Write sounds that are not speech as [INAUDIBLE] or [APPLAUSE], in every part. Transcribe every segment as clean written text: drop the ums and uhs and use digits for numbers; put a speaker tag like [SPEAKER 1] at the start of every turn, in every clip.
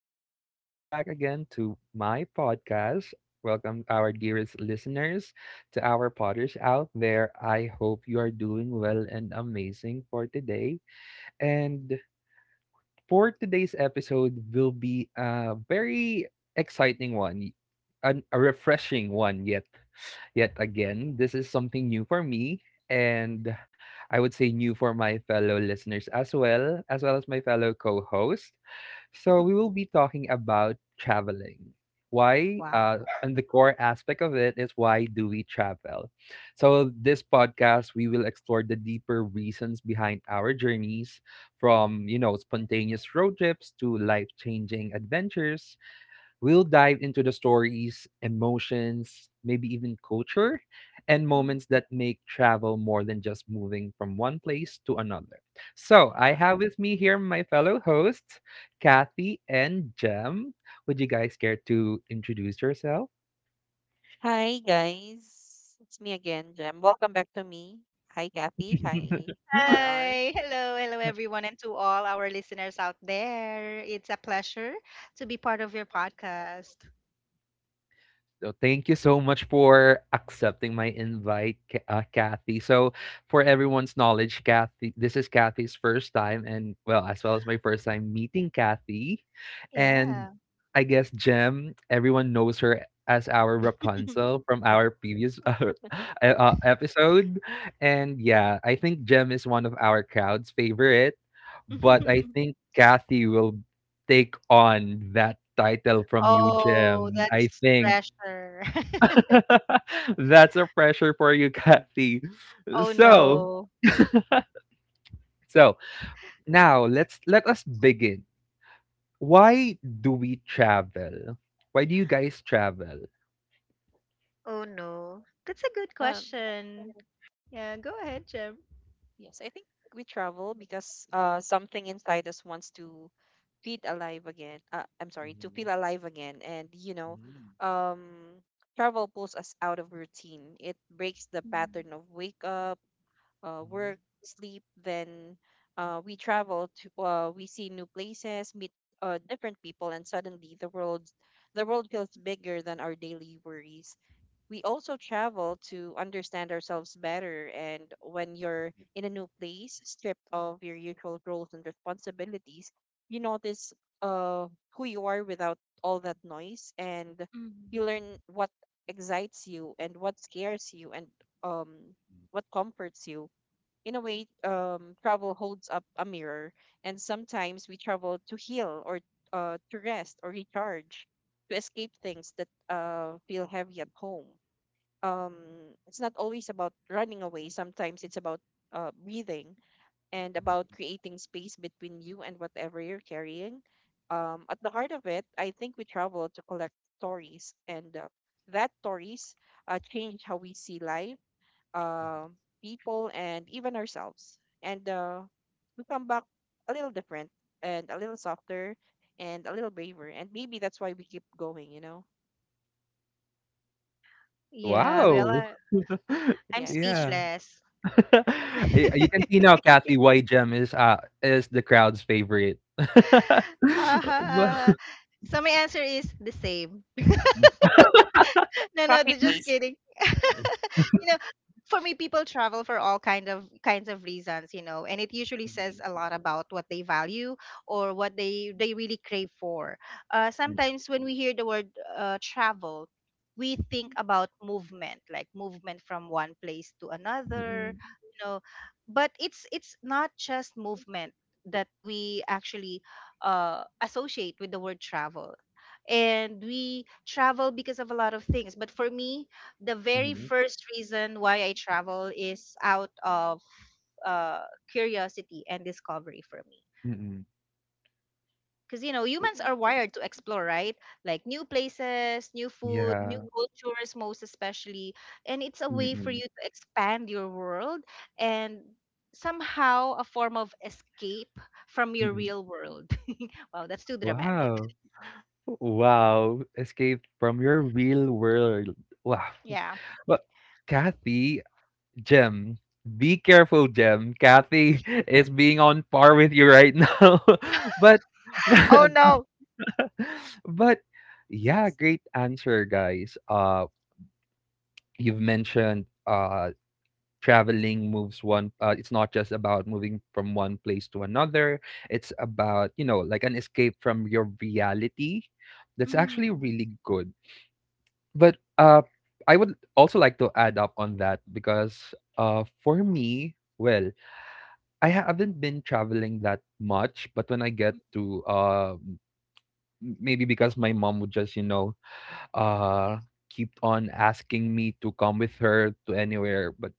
[SPEAKER 1] and welcome back again to my podcast. Welcome, our dearest listeners, to our potters out there. I hope you are doing well and amazing for today. And For today's episode will be a very exciting one, a refreshing one yet again. This is something new for me and I would say new for my fellow listeners as well, as well as my fellow co-host. So we will
[SPEAKER 2] [LAUGHS]
[SPEAKER 1] be talking about traveling. Why?
[SPEAKER 2] Wow.
[SPEAKER 1] And the core aspect of it is, why do we travel? So this podcast, we will explore the deeper reasons behind our journeys, from spontaneous road trips to life-changing adventures. We'll dive into the stories, emotions, maybe even culture, and
[SPEAKER 2] Mm.
[SPEAKER 1] moments that make travel more than just moving from one place to another. So, I
[SPEAKER 2] Wow.
[SPEAKER 1] have with me here my fellow hosts, Kathy and Jem. Would you guys care to introduce yourself?
[SPEAKER 3] Hi guys, it's me again, Jem. Welcome back to me. Hi Kathy. Hi
[SPEAKER 1] [LAUGHS]
[SPEAKER 3] RR.
[SPEAKER 2] Hi. Hello. Hello, everyone, and to all our listeners out there. It's a pleasure to be part of your podcast.
[SPEAKER 1] So thank you so much for accepting my invite, Kathy. So, for everyone's knowledge, Kathy, this is Kathy's first time, and well as my first time meeting Kathy, and
[SPEAKER 2] Yeah.
[SPEAKER 1] I guess Jem. Everyone knows her as our Rapunzel from our previous [LAUGHS] episode, and yeah, I think Jem is one of our crowd's favorite, but I
[SPEAKER 2] [LAUGHS]
[SPEAKER 1] think Kathy will take on that title from you,
[SPEAKER 2] Oh,
[SPEAKER 1] Jem. I
[SPEAKER 2] that's
[SPEAKER 1] think.
[SPEAKER 2] pressure. [LAUGHS]
[SPEAKER 1] [LAUGHS] That's a pressure for you, Kathy.
[SPEAKER 2] Oh,
[SPEAKER 1] So,
[SPEAKER 2] no.
[SPEAKER 1] so now let us begin. Why do we travel? Why do you guys travel?
[SPEAKER 2] Oh, no. That's a good
[SPEAKER 3] Um,
[SPEAKER 2] question. Yeah. Go ahead, Jem.
[SPEAKER 3] yes, I think we travel because something inside us wants to feel alive again. I'm sorry, to
[SPEAKER 1] Mhm,
[SPEAKER 3] feel alive again, and you know,
[SPEAKER 1] mhm,
[SPEAKER 3] um, travel pulls us out of routine. It breaks the
[SPEAKER 2] Mm.
[SPEAKER 3] pattern of wake up,
[SPEAKER 1] mhm, mhm,
[SPEAKER 3] work, sleep. Then we travel to we see new places, meet different people, and suddenly the world feels bigger than our daily worries. We also travel to understand ourselves better, and when you're in a new place, stripped of your usual roles and responsibilities, you notice uh, who you are without all that noise, and you
[SPEAKER 2] Mm.
[SPEAKER 3] learn what excites you and what scares you and um what comforts you in a way. Travel holds up a mirror, and sometimes we travel to heal or to rest or recharge, to escape things that feel heavy at home. Um, it's not always about running away. Sometimes it's about breathing and about
[SPEAKER 1] mhm.
[SPEAKER 3] creating space between you and whatever you're carrying. At the heart of it, I think we travel to collect stories, and that stories change how we see life, uh, people and even ourselves. And we come back a little different and a little softer and a little braver. And maybe that's why we keep going, you know?
[SPEAKER 2] Yeah.
[SPEAKER 3] So,
[SPEAKER 2] Well,
[SPEAKER 1] Wow. [LAUGHS]
[SPEAKER 2] I'm
[SPEAKER 3] yes.
[SPEAKER 1] Yeah.
[SPEAKER 2] speechless.
[SPEAKER 1] [LAUGHS]
[SPEAKER 2] [LAUGHS] Uh-huh,
[SPEAKER 1] You can see now, Kathy, why Gem is the crowd's favorite. [LAUGHS] But—
[SPEAKER 2] uh-huh. So, my answer is the same. [LAUGHS] No, no,
[SPEAKER 3] Copy
[SPEAKER 2] just
[SPEAKER 3] paste.
[SPEAKER 2] kidding. [LAUGHS] you know for me, people travel for all kinds of reasons, and it usually says
[SPEAKER 1] mhm,
[SPEAKER 2] a lot about what they value or what they really crave for. Sometimes when we hear the word travel, we think about movement, like movement from one place to
[SPEAKER 1] mhm,
[SPEAKER 2] another,
[SPEAKER 1] mhm,
[SPEAKER 2] you know but it's not just movement that we actually associate with the word travel. And we travel because of a lot of things, but for me, the very
[SPEAKER 1] mhm,
[SPEAKER 2] first reason why I travel is out of uh, curiosity and discovery for me.
[SPEAKER 1] mhm.
[SPEAKER 2] Because, you know, humans are wired to explore, right? Like new places, new food, new
[SPEAKER 1] Yeah.
[SPEAKER 2] cultures, most especially. And it's a way for you
[SPEAKER 1] Mm-mm.
[SPEAKER 2] to expand your world, and somehow a form of escape from your
[SPEAKER 1] Mm-mm.
[SPEAKER 2] real world. [LAUGHS] Wow, that's too dramatic.
[SPEAKER 1] Wow. Wow. Escaped from your real world. Wow.
[SPEAKER 2] Yeah.
[SPEAKER 1] But Kathy, Jem, be careful, Jem. Kathy [LAUGHS] is being on par with you right now. [LAUGHS] But
[SPEAKER 2] Oh,
[SPEAKER 1] [LAUGHS]
[SPEAKER 2] no.
[SPEAKER 1] but yeah,
[SPEAKER 3] Yes.
[SPEAKER 1] great answer, guys. You've mentioned traveling moves one. It's not just about moving from one place to another, it's about, you know, like an escape from your reality. That's actually
[SPEAKER 2] Mm.
[SPEAKER 1] really good, but I would also like to add up on that, because for me, well, I haven't been traveling that much, but when I get to maybe because my mom would just, you know, uh keep on asking me to come with her to anywhere. but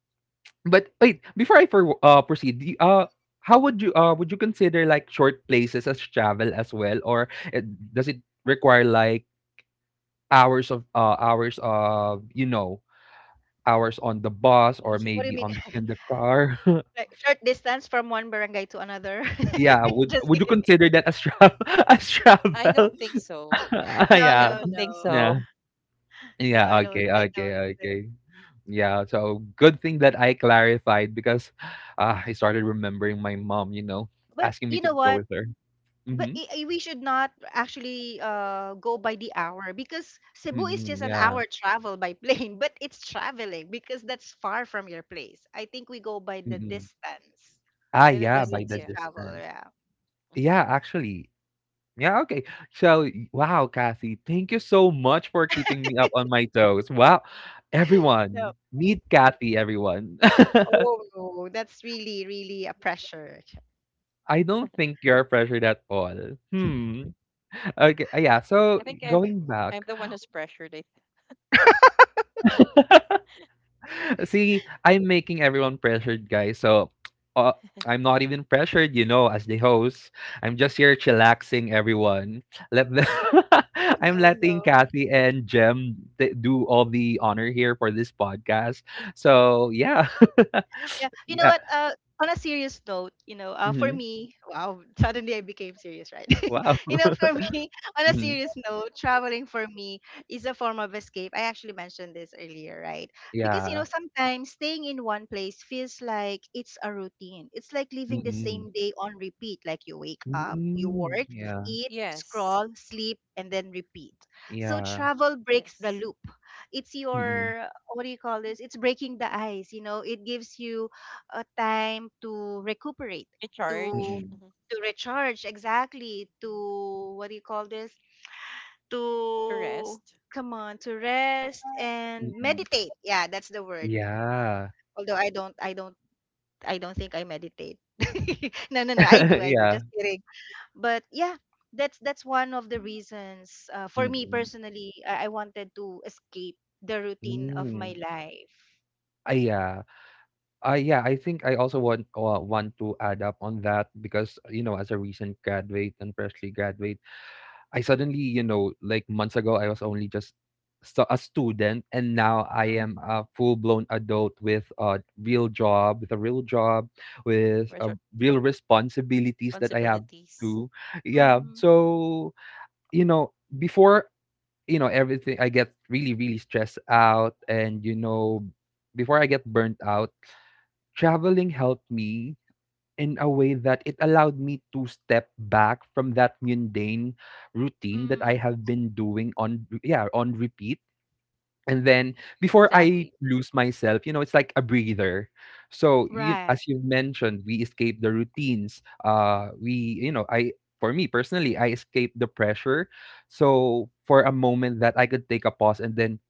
[SPEAKER 1] but wait, before I proceed, do how would you consider like short places as travel as well, or it, does it require like hours of, you know, hours on the bus or
[SPEAKER 3] Yeah,
[SPEAKER 2] What do you
[SPEAKER 1] maybe
[SPEAKER 2] mean?
[SPEAKER 1] on in the car? [LAUGHS]
[SPEAKER 2] [LAUGHS] Like short distance from one barangay to another?
[SPEAKER 1] Yeah,
[SPEAKER 2] [LAUGHS] Just
[SPEAKER 1] would you
[SPEAKER 2] kidding.
[SPEAKER 1] consider that as travel [LAUGHS] as
[SPEAKER 3] I
[SPEAKER 1] travel?
[SPEAKER 3] don't think
[SPEAKER 1] [LAUGHS]
[SPEAKER 3] so.
[SPEAKER 1] Ah,
[SPEAKER 2] No,
[SPEAKER 3] I
[SPEAKER 2] no,
[SPEAKER 1] yeah,
[SPEAKER 3] don't think
[SPEAKER 2] no.
[SPEAKER 1] yeah,
[SPEAKER 3] so.
[SPEAKER 2] No,
[SPEAKER 1] yeah.
[SPEAKER 2] I don't
[SPEAKER 1] Okay,
[SPEAKER 2] I
[SPEAKER 1] okay,
[SPEAKER 2] don't do.
[SPEAKER 1] okay. Yeah, so good thing that I clarified, because I started remembering my mom, you know,
[SPEAKER 2] But
[SPEAKER 1] asking me
[SPEAKER 2] you
[SPEAKER 1] to
[SPEAKER 2] know
[SPEAKER 1] go
[SPEAKER 2] what?
[SPEAKER 1] with her.
[SPEAKER 2] But
[SPEAKER 1] Mhm.
[SPEAKER 2] we should not actually go by the hour, because Cebu is
[SPEAKER 1] Mm,
[SPEAKER 2] just an
[SPEAKER 1] yeah.
[SPEAKER 2] hour travel by plane. [LAUGHS] But it's traveling because that's far from your place. I think we go by the
[SPEAKER 1] Mm.
[SPEAKER 2] distance
[SPEAKER 1] Ah,
[SPEAKER 3] By the
[SPEAKER 1] yeah,
[SPEAKER 2] when we
[SPEAKER 1] by
[SPEAKER 3] distance,
[SPEAKER 1] the
[SPEAKER 2] say
[SPEAKER 3] yeah.
[SPEAKER 2] travel,
[SPEAKER 1] distance.
[SPEAKER 2] yeah.
[SPEAKER 3] Mhm.
[SPEAKER 1] Yeah, actually. Yeah, okay. So, y wow, Kathy, thank you so much for keeping me up on my toes. Wow.
[SPEAKER 2] No.
[SPEAKER 1] Everyone, meet Kathy, everyone. [LAUGHS]
[SPEAKER 2] Oh, no, that's really, really a pressure.
[SPEAKER 1] I don't think you're pressured at all. Hmm. Okay, yeah,
[SPEAKER 3] I
[SPEAKER 1] so
[SPEAKER 3] think I'm
[SPEAKER 1] going back.
[SPEAKER 3] I'm the one who's pressured.
[SPEAKER 1] [LAUGHS] See, I'm making everyone pressured, guys. So, uh, I'm not even pressured, you know, as the host. I'm just here chillaxing everyone. Let the— [LAUGHS] I'm
[SPEAKER 2] No,
[SPEAKER 1] letting
[SPEAKER 2] no.
[SPEAKER 1] Kathy and Jem do all the honor here for this podcast. So, yeah. [LAUGHS]
[SPEAKER 2] Yeah, you know
[SPEAKER 1] Yeah.
[SPEAKER 2] what? On a serious note, for
[SPEAKER 1] Hmm.
[SPEAKER 2] me, wow, [LAUGHS] suddenly I became serious, right?
[SPEAKER 1] Wow.
[SPEAKER 2] [LAUGHS] For [LAUGHS] me, on
[SPEAKER 1] [LAUGHS]
[SPEAKER 2] a
[SPEAKER 1] Hmm.
[SPEAKER 2] serious note, traveling for me is a form of escape. I actually mentioned this earlier, right? Because
[SPEAKER 1] Yeah.
[SPEAKER 2] sometimes staying in one place feels like it's a routine. It's like living the
[SPEAKER 1] Mm-mm.
[SPEAKER 2] same day on repeat. Like you wake up, you
[SPEAKER 1] Mm-mm.
[SPEAKER 2] work,
[SPEAKER 1] Yeah.
[SPEAKER 2] eat,
[SPEAKER 3] Yes,
[SPEAKER 2] scroll, sleep, and then repeat. So
[SPEAKER 1] Yeah.
[SPEAKER 2] travel breaks the
[SPEAKER 3] yes.
[SPEAKER 2] loop. It's
[SPEAKER 1] Mm-mm.
[SPEAKER 2] your, what do you call this, it's breaking the ice. It gives you a time to recuperate, to
[SPEAKER 3] Recharge.
[SPEAKER 1] Mm-mm.
[SPEAKER 3] Hmm,
[SPEAKER 2] to recharge, exactly, to, what do you call this,
[SPEAKER 3] to
[SPEAKER 2] to,
[SPEAKER 3] rest,
[SPEAKER 2] come on, to rest and
[SPEAKER 1] Mm-mm.
[SPEAKER 2] meditate. Yeah, that's the word.
[SPEAKER 1] Yeah.
[SPEAKER 2] Although I don't think I meditate. [LAUGHS] No, no, no. I do, I
[SPEAKER 1] [LAUGHS]
[SPEAKER 2] do. Just
[SPEAKER 1] Yeah.
[SPEAKER 2] kidding. But yeah, that's one of the reasons, for me
[SPEAKER 1] Mm-mm.
[SPEAKER 2] personally, I wanted to escape the routine of my
[SPEAKER 1] Mm.
[SPEAKER 2] life.
[SPEAKER 1] Ah, yeah. Yeah, I think I also want to add up on that, because, you know, as a recent graduate and freshly graduate, I suddenly, you know, like months ago, I was only just so a student, and now I am
[SPEAKER 2] Mhm,
[SPEAKER 1] a full blown adult with a real job, with a real job, with real responsibilities that I have
[SPEAKER 3] responsibilities.
[SPEAKER 1] to. Yeah,
[SPEAKER 2] mhm,
[SPEAKER 1] so, you know, before you know everything, I get really really stressed out, and you know, before I get burnt out, traveling helped me in a way that it allowed me to step back from that mundane routine that I
[SPEAKER 2] mm.
[SPEAKER 1] have been doing on yeah, on repeat. And then before I
[SPEAKER 2] Exactly.
[SPEAKER 1] lose myself, you know, it's like a breather. So you,
[SPEAKER 2] Right.
[SPEAKER 1] as you've mentioned, we escape the routines. You know, I, for me personally, I escape the pressure. So for a moment that I could take a pause and then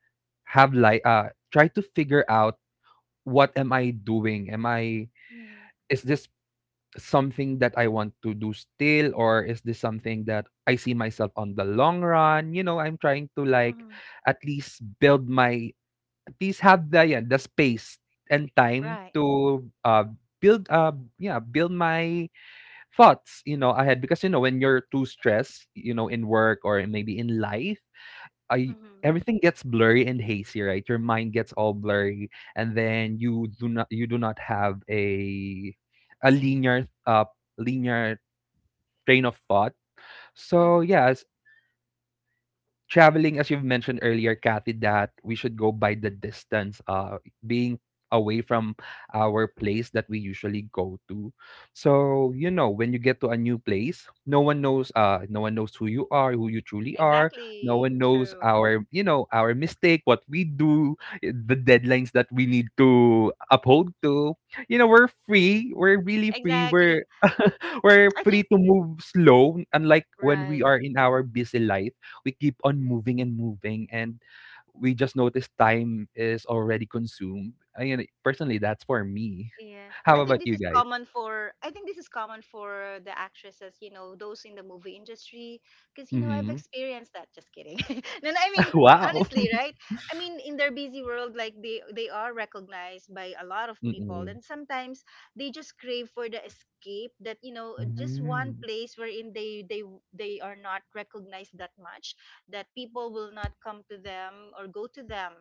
[SPEAKER 1] have like try to figure out, what am I doing? Am I is this something that I want to do still, or is this something that I see myself on the long run? You know, I'm trying to like
[SPEAKER 2] Mm-hmm.
[SPEAKER 1] at least build my, at least have the, yeah, the space and time
[SPEAKER 2] Right.
[SPEAKER 1] to build yeah, build my thoughts, you know, ahead, because, you know, when you're too stressed, you know, in work or maybe in life, I
[SPEAKER 2] Mm-hmm.
[SPEAKER 1] everything gets blurry and hazy, right? Your mind gets all blurry, and then you do not have a a linear uh linear train of thought. So
[SPEAKER 2] Mm-hmm.
[SPEAKER 1] yeah, traveling, as you've mentioned earlier, Kathy, that we should go by the distance, being away from our place that we usually go to. So, you know, when you get to a new place, no one knows who you are, who you truly are. No
[SPEAKER 2] Exactly.
[SPEAKER 1] one knows
[SPEAKER 2] True.
[SPEAKER 1] our, you know, our mistake, what we do, the deadlines that we need to uphold to. You know, we're free. We're really free. We're
[SPEAKER 2] Exactly.
[SPEAKER 1] [LAUGHS] we're
[SPEAKER 2] I
[SPEAKER 1] free
[SPEAKER 2] think
[SPEAKER 1] to move slow, unlike when we
[SPEAKER 2] right.
[SPEAKER 1] are in our busy life. We keep on moving and moving, and we just notice time is already consumed. I mean, personally, that's for me.
[SPEAKER 2] Yeah,
[SPEAKER 1] How
[SPEAKER 2] I
[SPEAKER 1] about
[SPEAKER 2] think
[SPEAKER 1] you guys?
[SPEAKER 2] this is common for the actresses, you know, those in the movie industry, because you know I've
[SPEAKER 1] Mm-hmm.
[SPEAKER 2] experienced that. Just kidding. [LAUGHS] No, no, I
[SPEAKER 1] [LAUGHS]
[SPEAKER 2] mean,
[SPEAKER 1] Wow.
[SPEAKER 2] honestly, right? I mean, in their busy world, like they are recognized by a lot of people,
[SPEAKER 1] Mm-mm.
[SPEAKER 2] and sometimes they just crave for the escape that, just one
[SPEAKER 1] Mm-mm.
[SPEAKER 2] place wherein they are not recognized that much, that people will not come to them or go to them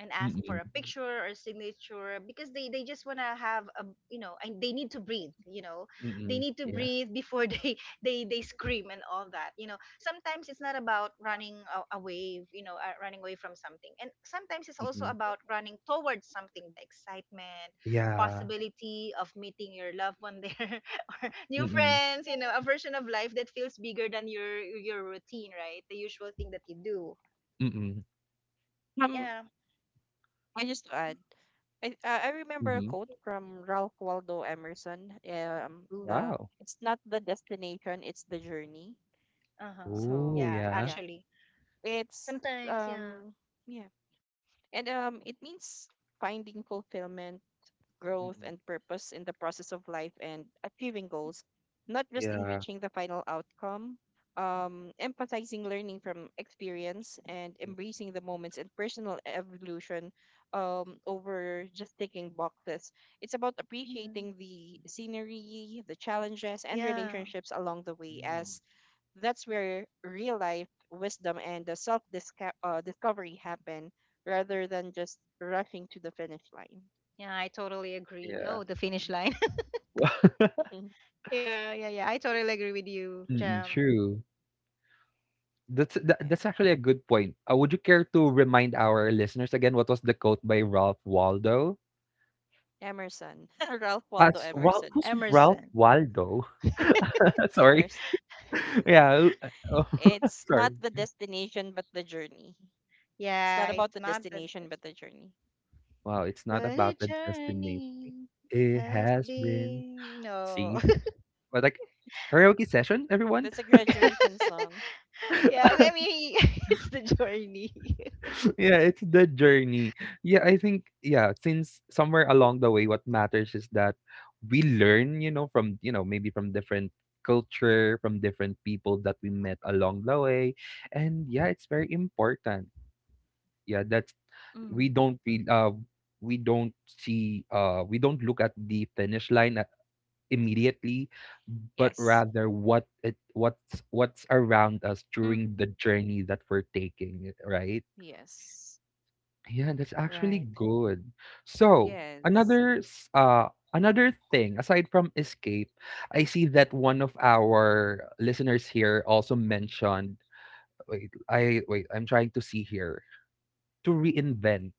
[SPEAKER 2] and ask for
[SPEAKER 1] Mm-mm.
[SPEAKER 2] a picture or signature, because they just want to have a, and they need to breathe, they
[SPEAKER 1] Mm-mm.
[SPEAKER 2] need to
[SPEAKER 1] Yeah.
[SPEAKER 2] breathe before [LAUGHS] they scream, and all that, sometimes it's not about running away, running away from something, and sometimes it's also
[SPEAKER 1] Mm-mm.
[SPEAKER 2] about running towards something, the excitement,
[SPEAKER 1] Yeah.
[SPEAKER 2] possibility of meeting your loved one there, [LAUGHS] or new
[SPEAKER 1] Mm-mm.
[SPEAKER 2] friends, a version of life that feels bigger than your routine, right, the usual thing that you do,
[SPEAKER 1] Mm-mm.
[SPEAKER 3] Um,
[SPEAKER 2] yeah.
[SPEAKER 3] I just to add, I remember a
[SPEAKER 1] Mm-hmm.
[SPEAKER 3] quote from Ralph Waldo Emerson. The
[SPEAKER 1] Wow.
[SPEAKER 3] It's not the destination, it's the journey.
[SPEAKER 2] Uh-huh.
[SPEAKER 1] Oh,
[SPEAKER 3] So
[SPEAKER 2] Yeah,
[SPEAKER 1] yeah.
[SPEAKER 3] yeah,
[SPEAKER 2] actually.
[SPEAKER 3] it's
[SPEAKER 2] Sometimes, yeah.
[SPEAKER 3] um yeah, and it means finding fulfillment, growth,
[SPEAKER 1] Mm-mm.
[SPEAKER 3] and purpose in the process of life and achieving goals, not just in
[SPEAKER 1] Yeah.
[SPEAKER 3] reaching the final outcome. Emphasizing learning from experience and embracing the moments and personal evolution, over just ticking boxes. It's about
[SPEAKER 2] Mhm.
[SPEAKER 3] appreciating the scenery, the challenges, and
[SPEAKER 2] Yeah.
[SPEAKER 3] relationships along the way,
[SPEAKER 1] Mm-mm.
[SPEAKER 3] as that's where real life wisdom and the self discovery happen rather than just rushing to the finish line.
[SPEAKER 2] Yeah, I totally agree.
[SPEAKER 1] Yeah.
[SPEAKER 2] Oh, the finish line. [LAUGHS]
[SPEAKER 1] [LAUGHS]
[SPEAKER 3] Mhm.
[SPEAKER 2] Yeah, yeah, yeah. I totally agree with you,
[SPEAKER 1] Mm-mm.
[SPEAKER 2] Jam.
[SPEAKER 3] Mhm.
[SPEAKER 1] True. That's that,
[SPEAKER 3] Yeah.
[SPEAKER 1] that's actually a good point. Would you care to remind our listeners again what was the quote by Ralph Waldo?
[SPEAKER 3] Emerson. [LAUGHS] Ralph Waldo
[SPEAKER 1] As Ralph,
[SPEAKER 3] Emerson.
[SPEAKER 1] who's Ralph
[SPEAKER 2] Emerson.
[SPEAKER 1] Waldo? [LAUGHS] Sorry.
[SPEAKER 3] Emerson.
[SPEAKER 1] [LAUGHS] Yeah. Oh,
[SPEAKER 3] It's
[SPEAKER 1] [LAUGHS]
[SPEAKER 3] not
[SPEAKER 1] sorry.
[SPEAKER 3] the destination, but the journey. It's not
[SPEAKER 2] Yeah,
[SPEAKER 3] about
[SPEAKER 2] it's
[SPEAKER 3] the
[SPEAKER 2] not that,
[SPEAKER 3] destination, but the journey.
[SPEAKER 1] Wow, it's
[SPEAKER 2] but
[SPEAKER 1] not
[SPEAKER 2] a
[SPEAKER 1] about the destiny.
[SPEAKER 2] journey it
[SPEAKER 1] It
[SPEAKER 2] has
[SPEAKER 1] has been.
[SPEAKER 2] been. No.
[SPEAKER 1] See, but like karaoke session, everyone.
[SPEAKER 3] That's a graduation song.
[SPEAKER 2] [LAUGHS] Yeah, I
[SPEAKER 1] [LAUGHS]
[SPEAKER 2] mean, [LAUGHS] it's the journey. [LAUGHS]
[SPEAKER 1] Yeah, it's the journey. Yeah, I think, yeah, since somewhere along the way, what matters is that we learn, you know, from, you know, maybe from different culture, from different people that we met along the way. And yeah, it's very important. Yeah, that's— we don't feel uh we don't see we don't look at the finish line at, immediately, but
[SPEAKER 3] Yes.
[SPEAKER 1] rather what's around us during
[SPEAKER 2] Mm-hmm.
[SPEAKER 1] the journey that we're taking, right?
[SPEAKER 3] Yes.
[SPEAKER 1] Yeah, that's actually
[SPEAKER 2] Right.
[SPEAKER 1] good. So,
[SPEAKER 3] Yes.
[SPEAKER 1] another s- uh another thing aside from escape, I see that one of our listeners here also mentioned, wait, I'm trying to see here. To reinvent.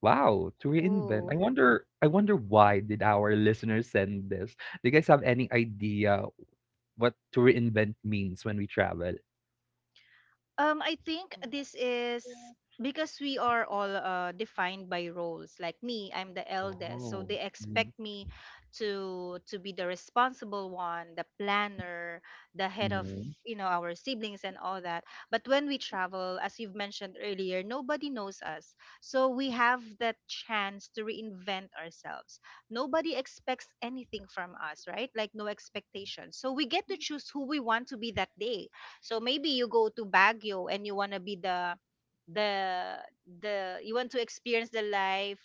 [SPEAKER 1] Wow, to reinvent.
[SPEAKER 2] Ooh.
[SPEAKER 1] I wonder why did our [LAUGHS] listeners send this? Do you guys have any idea what to reinvent means when we travel?
[SPEAKER 2] I think this is because we are all defined by roles. Like me, I'm the eldest, so
[SPEAKER 1] Oh.
[SPEAKER 2] they expect me to be the responsible one, the planner, the head of,
[SPEAKER 1] Mm-hmm.
[SPEAKER 2] our siblings and all that. But when we travel, as you've mentioned earlier, nobody knows us, so we have that chance to reinvent ourselves. Nobody expects anything from us, right? Like, no expectation. So we get to choose who we want to be that day. So maybe you go to Baguio and you want to be the the you want to experience the life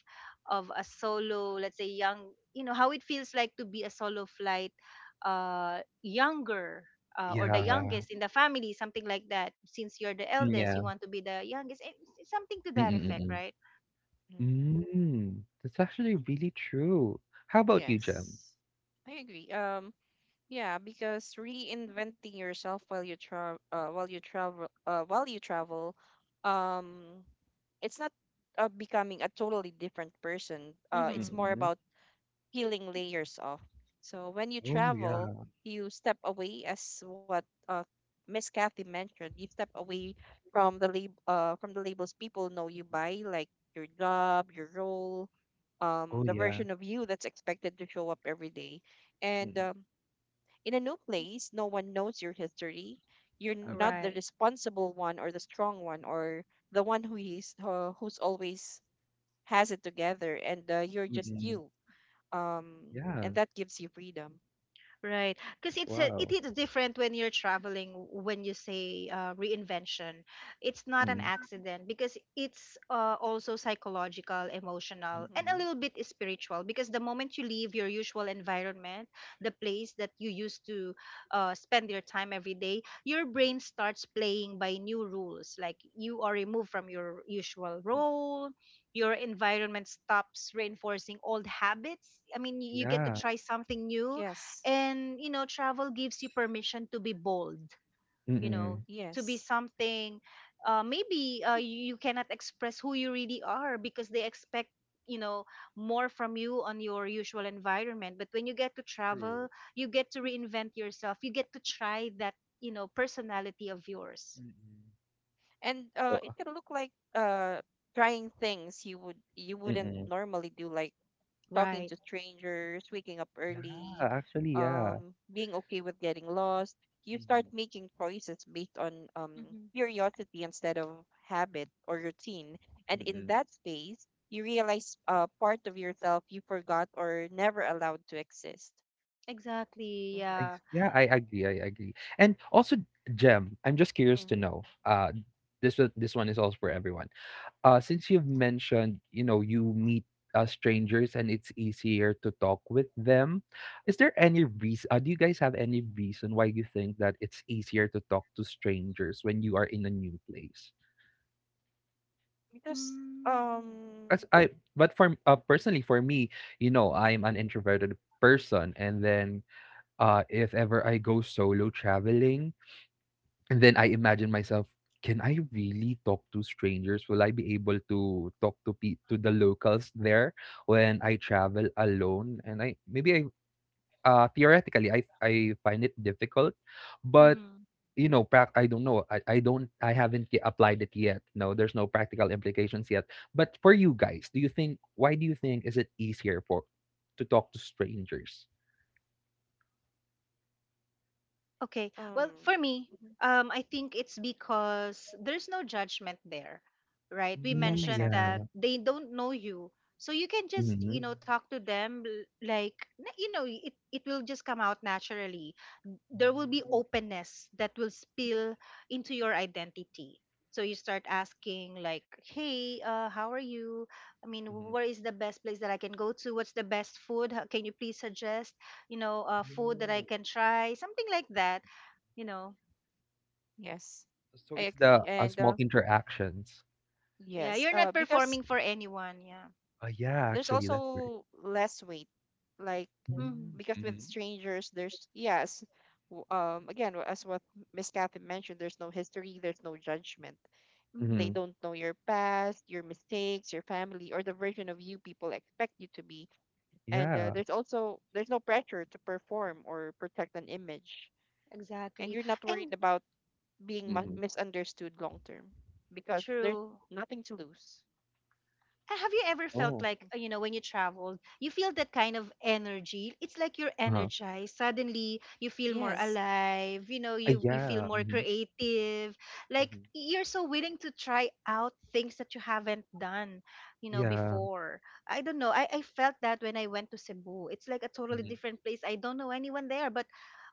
[SPEAKER 2] of a solo, let's say, young, how it feels like to be a solo flight, younger, or the
[SPEAKER 1] Yeah.
[SPEAKER 2] youngest in the family, something like that. Since you're the
[SPEAKER 1] Mm,
[SPEAKER 2] eldest, you
[SPEAKER 1] yeah.
[SPEAKER 2] want to be the youngest, eh, something to that effect,
[SPEAKER 1] Mm-mm-mm.
[SPEAKER 2] right?
[SPEAKER 3] Mhm.
[SPEAKER 1] Mm, that's actually really true. How about you, Jem?
[SPEAKER 3] Yes. I agree. Yeah, because reinventing yourself while you travel, um, it's not becoming a totally different person. It's
[SPEAKER 2] Mm-hmm.
[SPEAKER 3] more
[SPEAKER 1] Mm-mm.
[SPEAKER 3] about peeling layers off. So when you
[SPEAKER 1] Oh, yeah.
[SPEAKER 3] travel, you step away, as what Miss Kathy mentioned. You step away from from the labels people know you by, like your job, your role,
[SPEAKER 1] Oh,
[SPEAKER 3] the
[SPEAKER 1] yeah.
[SPEAKER 3] version of you that's expected to show up every day. And
[SPEAKER 1] Mm-mm.
[SPEAKER 3] in a new place, no one knows your history. You're not the
[SPEAKER 1] Mm-mm.
[SPEAKER 2] Right.
[SPEAKER 3] responsible one or the strong one or the one who is who's always has it together, and you're just
[SPEAKER 1] Mm-mm.
[SPEAKER 3] you. um
[SPEAKER 1] Yeah.
[SPEAKER 3] and that gives you freedom.
[SPEAKER 2] Right. Because it's a, it
[SPEAKER 1] Wow.
[SPEAKER 2] is different when you're traveling, when you say reinvention. It's not an
[SPEAKER 1] Mm-mm.
[SPEAKER 2] accident, because it's also psychological, emotional,
[SPEAKER 3] Hmm.
[SPEAKER 2] and a
[SPEAKER 1] Mm-mm.
[SPEAKER 2] little bit spiritual, because the moment you leave your usual environment, the place that you used to spend your time every day, your brain starts playing by new rules. Like, you are removed from your usual role, your environment stops reinforcing old habits. I mean, you get to
[SPEAKER 1] Yeah.
[SPEAKER 2] try something new,
[SPEAKER 3] Yes,
[SPEAKER 2] and travel gives you permission to be bold, you know
[SPEAKER 1] Mm-mm.
[SPEAKER 2] to be
[SPEAKER 3] yes,
[SPEAKER 2] something, maybe you cannot express who you really are, because they expect, you know more from you on your usual environment. But when you get to
[SPEAKER 1] True.
[SPEAKER 2] travel, you get to reinvent yourself, you get to try that, personality of yours.
[SPEAKER 1] Mm-mm.
[SPEAKER 3] and
[SPEAKER 1] Oh,
[SPEAKER 3] it can look like trying things you wouldn't
[SPEAKER 1] mm-mm.
[SPEAKER 3] normally do, like talking to
[SPEAKER 2] Right.
[SPEAKER 3] strangers, waking up
[SPEAKER 1] Yeah,
[SPEAKER 3] early,
[SPEAKER 1] actually, yeah.
[SPEAKER 3] being okay with getting lost. You start
[SPEAKER 1] Mm-hmm.
[SPEAKER 3] making choices based on
[SPEAKER 2] Hmm.
[SPEAKER 3] curiosity instead of habit or routine, and in
[SPEAKER 1] Mm-mm.
[SPEAKER 3] that space you realize part of yourself you forgot or never allowed to exist.
[SPEAKER 2] Exactly,
[SPEAKER 3] Hmm.
[SPEAKER 2] yeah.
[SPEAKER 1] Yeah, I agree. I agree. And also, Jem, I'm just curious to know. This one— this one is also for everyone. Since you've mentioned, you know, you meet strangers and it's easier to talk with them, is there any reason? Do you guys have any reason why you think that it's easier to talk to strangers when you are in a new place?
[SPEAKER 3] Because
[SPEAKER 2] Mm-hmm.
[SPEAKER 3] um
[SPEAKER 1] As I, but for personally, for me, you know,
[SPEAKER 3] mhm,
[SPEAKER 1] I'm an introverted person, and then if ever I go solo traveling, and then I imagine myself, can I really talk to strangers? Will I be able to talk to to the locals there when I travel alone? And I, maybe I, theoretically, I find it difficult, but,
[SPEAKER 2] Mm-hmm.
[SPEAKER 1] you know, I don't know. I haven't applied it yet. No, there's no practical implications yet. But for you guys, do you think, why do you think is it easier for to talk to strangers?
[SPEAKER 2] Okay. Well,
[SPEAKER 3] um
[SPEAKER 2] for me,
[SPEAKER 3] mhm.
[SPEAKER 2] I think it's because there's no judgment there, right? We
[SPEAKER 3] Yes,
[SPEAKER 1] Mm,
[SPEAKER 2] mentioned
[SPEAKER 3] exactly.
[SPEAKER 1] yeah.
[SPEAKER 2] that they don't know you. So you can just,
[SPEAKER 1] Mm-hmm.
[SPEAKER 2] talk to them, like, it will just come out naturally. There will be openness that will spill into your identity. So you start asking like, hey, how are you? I mean, where is the best place that I can go to? What's the best food? How, can you please suggest, food that I
[SPEAKER 1] Mm-hmm.
[SPEAKER 2] can try, something like that, you know
[SPEAKER 3] Yes.
[SPEAKER 1] So
[SPEAKER 3] I
[SPEAKER 1] it's
[SPEAKER 3] agree.
[SPEAKER 1] the,
[SPEAKER 3] And
[SPEAKER 1] small interactions.
[SPEAKER 2] yeah,
[SPEAKER 3] yes,
[SPEAKER 2] you're not
[SPEAKER 3] because
[SPEAKER 2] performing for anyone, yeah.
[SPEAKER 1] Ah, yeah,
[SPEAKER 3] there's
[SPEAKER 1] actually, that's right.
[SPEAKER 3] also less weight, like,
[SPEAKER 2] Mm-hmm,
[SPEAKER 1] Mm,
[SPEAKER 3] because with
[SPEAKER 1] mhm.
[SPEAKER 3] strangers there's yes as what Miss Kathy mentioned, there's no history, there's no judgment.
[SPEAKER 2] mm-hmm,
[SPEAKER 3] They
[SPEAKER 1] Mhm.
[SPEAKER 3] don't know your past, your mistakes, your family or the version of you people expect you to be. And
[SPEAKER 1] Yeah.
[SPEAKER 3] there's also there's no pressure to perform or protect an image and
[SPEAKER 2] exactly,
[SPEAKER 3] you're not worried
[SPEAKER 2] and
[SPEAKER 3] about being
[SPEAKER 1] Mhm.
[SPEAKER 3] misunderstood long term because there's
[SPEAKER 2] true.
[SPEAKER 3] nothing to lose.
[SPEAKER 2] Have you ever felt
[SPEAKER 1] Oh.
[SPEAKER 2] like,
[SPEAKER 3] Hmm.
[SPEAKER 2] when you traveled you feel that kind of energy, it's like you're
[SPEAKER 1] Uh-huh.
[SPEAKER 2] energized, suddenly you feel more
[SPEAKER 3] Yes.
[SPEAKER 2] alive,
[SPEAKER 1] Ah,
[SPEAKER 2] you feel
[SPEAKER 1] yeah.
[SPEAKER 2] more
[SPEAKER 1] Mhm.
[SPEAKER 2] creative, like
[SPEAKER 1] Mhm.
[SPEAKER 2] you're so willing to try out things that you haven't done,
[SPEAKER 1] Yeah.
[SPEAKER 2] before. I don't know, I felt that when I went to Cebu. It's like a totally
[SPEAKER 1] Mhm.
[SPEAKER 2] different place, I don't know anyone there, but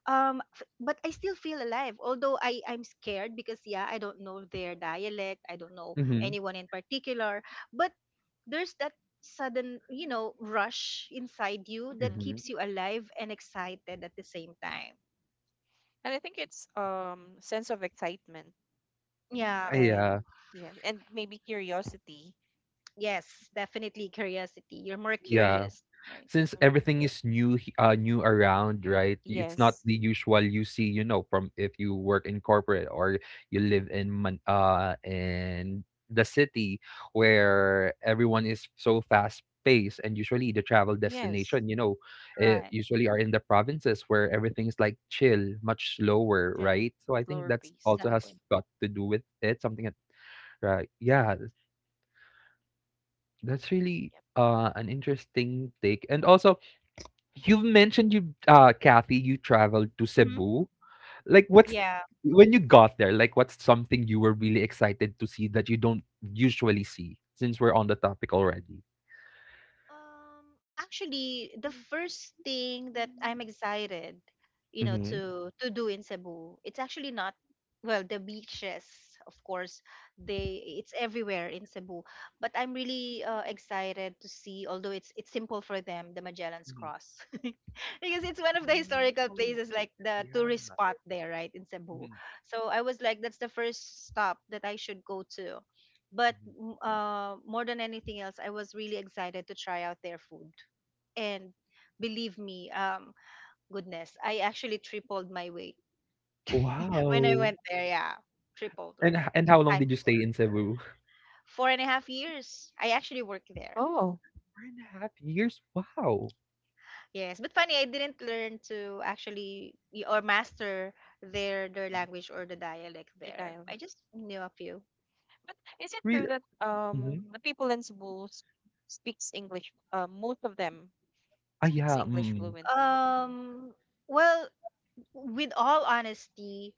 [SPEAKER 2] I still feel alive, although I'm scared, because, yeah, I don't know their dialect, I don't know
[SPEAKER 1] Mhm.
[SPEAKER 2] anyone in particular, but there's that sudden, rush inside you that
[SPEAKER 3] Hmm.
[SPEAKER 1] Mhm.
[SPEAKER 2] keeps you alive and excited at the same time,
[SPEAKER 3] And I think it's sense of excitement
[SPEAKER 2] yeah.
[SPEAKER 1] Ah,
[SPEAKER 3] and
[SPEAKER 1] yeah.
[SPEAKER 3] yes, and maybe curiosity.
[SPEAKER 2] Yes, definitely curiosity, you're more
[SPEAKER 1] Yeah.
[SPEAKER 2] curious, right.
[SPEAKER 1] Since
[SPEAKER 3] Mhm.
[SPEAKER 1] everything is new around,
[SPEAKER 3] You
[SPEAKER 1] right? It's not
[SPEAKER 3] yes,
[SPEAKER 1] the usual you see, from if you work in corporate, or you live in the city where everyone is so fast paced, and usually the travel
[SPEAKER 3] yes,
[SPEAKER 1] destination,
[SPEAKER 2] Right.
[SPEAKER 1] usually are in the provinces, where everything is like chill, much slower,
[SPEAKER 3] still
[SPEAKER 1] right? So I think
[SPEAKER 3] slower
[SPEAKER 1] that's
[SPEAKER 3] pace.
[SPEAKER 1] also has
[SPEAKER 2] Exactly.
[SPEAKER 1] got to do with it, something that, right? Yeah. That's really
[SPEAKER 3] Yep.
[SPEAKER 1] an interesting take. And also, you've mentioned you, Kathy, you traveled to
[SPEAKER 2] Hmm.
[SPEAKER 1] Cebu. Like, what's
[SPEAKER 2] Yeah.
[SPEAKER 1] when you got there? Like, what's something you were really excited to see that you don't usually see? Since we're on the topic already.
[SPEAKER 2] Actually, the first thing that I'm excited,
[SPEAKER 1] Hmm.
[SPEAKER 2] to do in Cebu, it's actually not, well, the beaches, of course, they it's everywhere in Cebu, but I'm really excited to see, although it's simple for them, the Magellan's
[SPEAKER 1] Mhm.
[SPEAKER 2] Cross, [LAUGHS] because it's one of the historical
[SPEAKER 1] Oh,
[SPEAKER 2] places, like the tourist
[SPEAKER 1] yeah.
[SPEAKER 2] spot there, right, in Cebu.
[SPEAKER 1] Mhm,
[SPEAKER 2] So I was like, that's the first stop that I should go to. But
[SPEAKER 1] mhm.
[SPEAKER 2] more than anything else, I was really excited to try out their food. And believe me, goodness, I actually tripled my weight [LAUGHS] when I
[SPEAKER 1] Wow.
[SPEAKER 2] went there. Yeah, tripled,
[SPEAKER 1] And
[SPEAKER 2] or
[SPEAKER 1] h- and how long did
[SPEAKER 2] times
[SPEAKER 1] you
[SPEAKER 2] four.
[SPEAKER 1] stay in Cebu?
[SPEAKER 2] 4.5 years. I actually worked there.
[SPEAKER 3] Oh,
[SPEAKER 1] 4.5 years. Wow.
[SPEAKER 2] Yes, but funny, I didn't learn to actually or master their language, or the dialect
[SPEAKER 3] the
[SPEAKER 2] there. I
[SPEAKER 3] dialect.
[SPEAKER 2] just knew a few.
[SPEAKER 3] But is it
[SPEAKER 1] Really?
[SPEAKER 3] true that
[SPEAKER 1] Mhm.
[SPEAKER 3] the people in Cebu speaks English? Most of them
[SPEAKER 1] Ah,
[SPEAKER 3] speaks
[SPEAKER 1] yeah.
[SPEAKER 3] English
[SPEAKER 1] Mm.
[SPEAKER 3] fluently.
[SPEAKER 2] Um, well, with all honesty,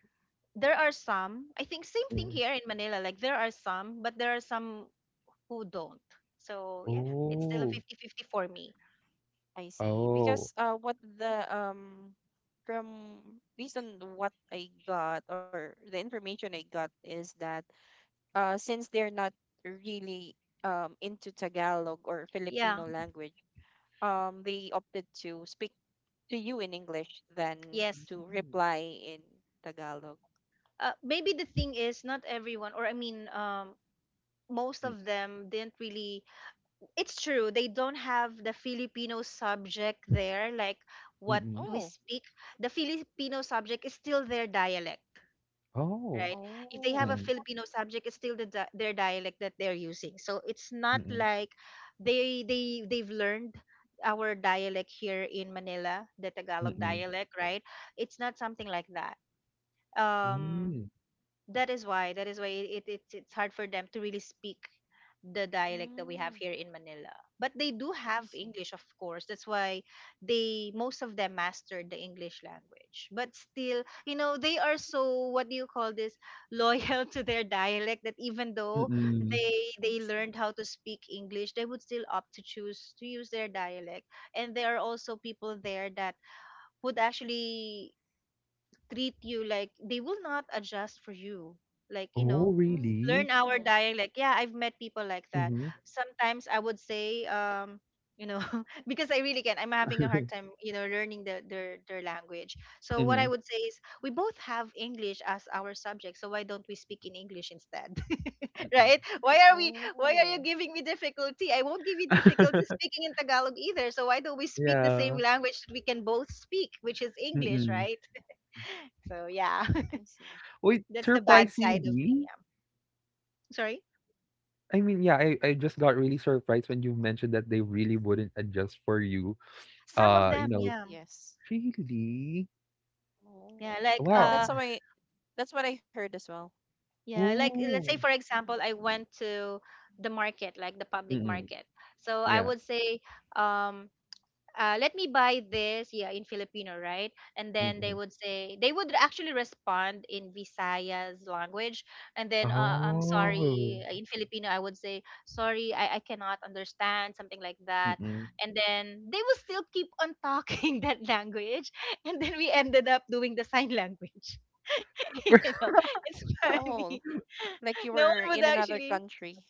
[SPEAKER 2] there are some, I think, same thing
[SPEAKER 1] Mm.
[SPEAKER 2] here in Manila, like there are some, but there are some who don't, so yeah, it's still a
[SPEAKER 1] Oh.
[SPEAKER 2] 50-50 for me.
[SPEAKER 3] I see.
[SPEAKER 1] Oh.
[SPEAKER 3] Because what the from based on what I got or the information I got is that since they're not really into Tagalog or
[SPEAKER 2] Yeah.
[SPEAKER 3] Filipino language, they opted to speak to you in English than
[SPEAKER 2] Yes.
[SPEAKER 3] to reply in Tagalog.
[SPEAKER 2] Maybe the thing is not everyone, or I mean, most
[SPEAKER 1] Mm.
[SPEAKER 2] of them didn't really, it's true, they don't have the Filipino subject there, like what
[SPEAKER 1] Mm-mm.
[SPEAKER 2] we
[SPEAKER 3] Oh,
[SPEAKER 2] speak. The Filipino subject is still their dialect,
[SPEAKER 1] Oh.
[SPEAKER 2] right? If they have
[SPEAKER 3] oh.
[SPEAKER 2] a
[SPEAKER 1] Mm.
[SPEAKER 2] Filipino subject, it's still the their dialect that they're using. So it's not like they've learned our dialect here in Manila, the Tagalog
[SPEAKER 1] Mm.
[SPEAKER 2] dialect, right? It's not something like that.
[SPEAKER 1] Hmm,
[SPEAKER 2] Um,
[SPEAKER 1] mm.
[SPEAKER 2] that is why it's hard for them to really speak the dialect that we
[SPEAKER 3] Mm,
[SPEAKER 2] have here in Manila. But they do
[SPEAKER 3] I
[SPEAKER 2] have
[SPEAKER 3] see.
[SPEAKER 2] English, of course. That's why they most of them mastered the English language. But still, they are so, what do you call this, loyal [LAUGHS] to their dialect that even though
[SPEAKER 1] Mm-mm.
[SPEAKER 2] they
[SPEAKER 3] I see.
[SPEAKER 2] learned how to speak English, they would still opt to choose to use their dialect. And there are also people there that would actually treat you like they will not adjust for you, like,
[SPEAKER 1] Oh,
[SPEAKER 2] learn
[SPEAKER 1] really?
[SPEAKER 2] our
[SPEAKER 3] Mm,
[SPEAKER 2] dialect. Like, yeah, I've met people like that.
[SPEAKER 1] Mhm.
[SPEAKER 2] Sometimes I would say you know [LAUGHS] because I really can I'm having a hard time learning their language. So what I
[SPEAKER 1] Mhm,
[SPEAKER 2] would say is we both have English as our subject, so why don't we speak in English instead? [LAUGHS]
[SPEAKER 1] mm.
[SPEAKER 2] Right, why are you
[SPEAKER 3] oh,
[SPEAKER 2] giving me difficulty? I won't give you difficulty
[SPEAKER 1] [LAUGHS] [LAUGHS]
[SPEAKER 2] speaking in Tagalog either, so why don't we speak the same
[SPEAKER 1] Yeah.
[SPEAKER 2] language that we can both speak, which is English,
[SPEAKER 1] Mm.
[SPEAKER 2] right? So yeah,
[SPEAKER 3] I see.
[SPEAKER 1] Wait,
[SPEAKER 2] that's the bad side of me.
[SPEAKER 1] surprisingly,
[SPEAKER 2] Yeah. Sorry?
[SPEAKER 1] I mean, yeah, I just got really surprised when you mentioned that they really wouldn't adjust for you.
[SPEAKER 2] Some of
[SPEAKER 1] You
[SPEAKER 2] them,
[SPEAKER 1] know,
[SPEAKER 2] yeah.
[SPEAKER 3] Yes.
[SPEAKER 1] really?
[SPEAKER 2] Yeah,
[SPEAKER 3] Oh,
[SPEAKER 2] like
[SPEAKER 1] Wow.
[SPEAKER 3] that's
[SPEAKER 2] uh
[SPEAKER 3] how I, that's what I heard as well.
[SPEAKER 2] yeah, like let's say
[SPEAKER 1] Oh.
[SPEAKER 2] for
[SPEAKER 3] Hmm.
[SPEAKER 2] example, I went to the market, like the public
[SPEAKER 1] Mm.
[SPEAKER 2] market. So I
[SPEAKER 1] Yeah.
[SPEAKER 2] would say um let me buy this, yeah, in Filipino, right? And then they
[SPEAKER 1] Mm.
[SPEAKER 2] would say, they would actually respond in Visayas language. And then, I'm sorry,
[SPEAKER 1] Oh.
[SPEAKER 2] in Filipino, I would say, sorry, I cannot understand, something like that.
[SPEAKER 1] Mm.
[SPEAKER 2] And then they will still keep on talking [LAUGHS] that language. And then we ended up doing the sign language. [LAUGHS] you know, it's
[SPEAKER 3] Oh,
[SPEAKER 2] funny. [LAUGHS]
[SPEAKER 3] like you
[SPEAKER 2] No
[SPEAKER 3] were
[SPEAKER 2] one would
[SPEAKER 3] in another
[SPEAKER 2] actually,
[SPEAKER 3] country.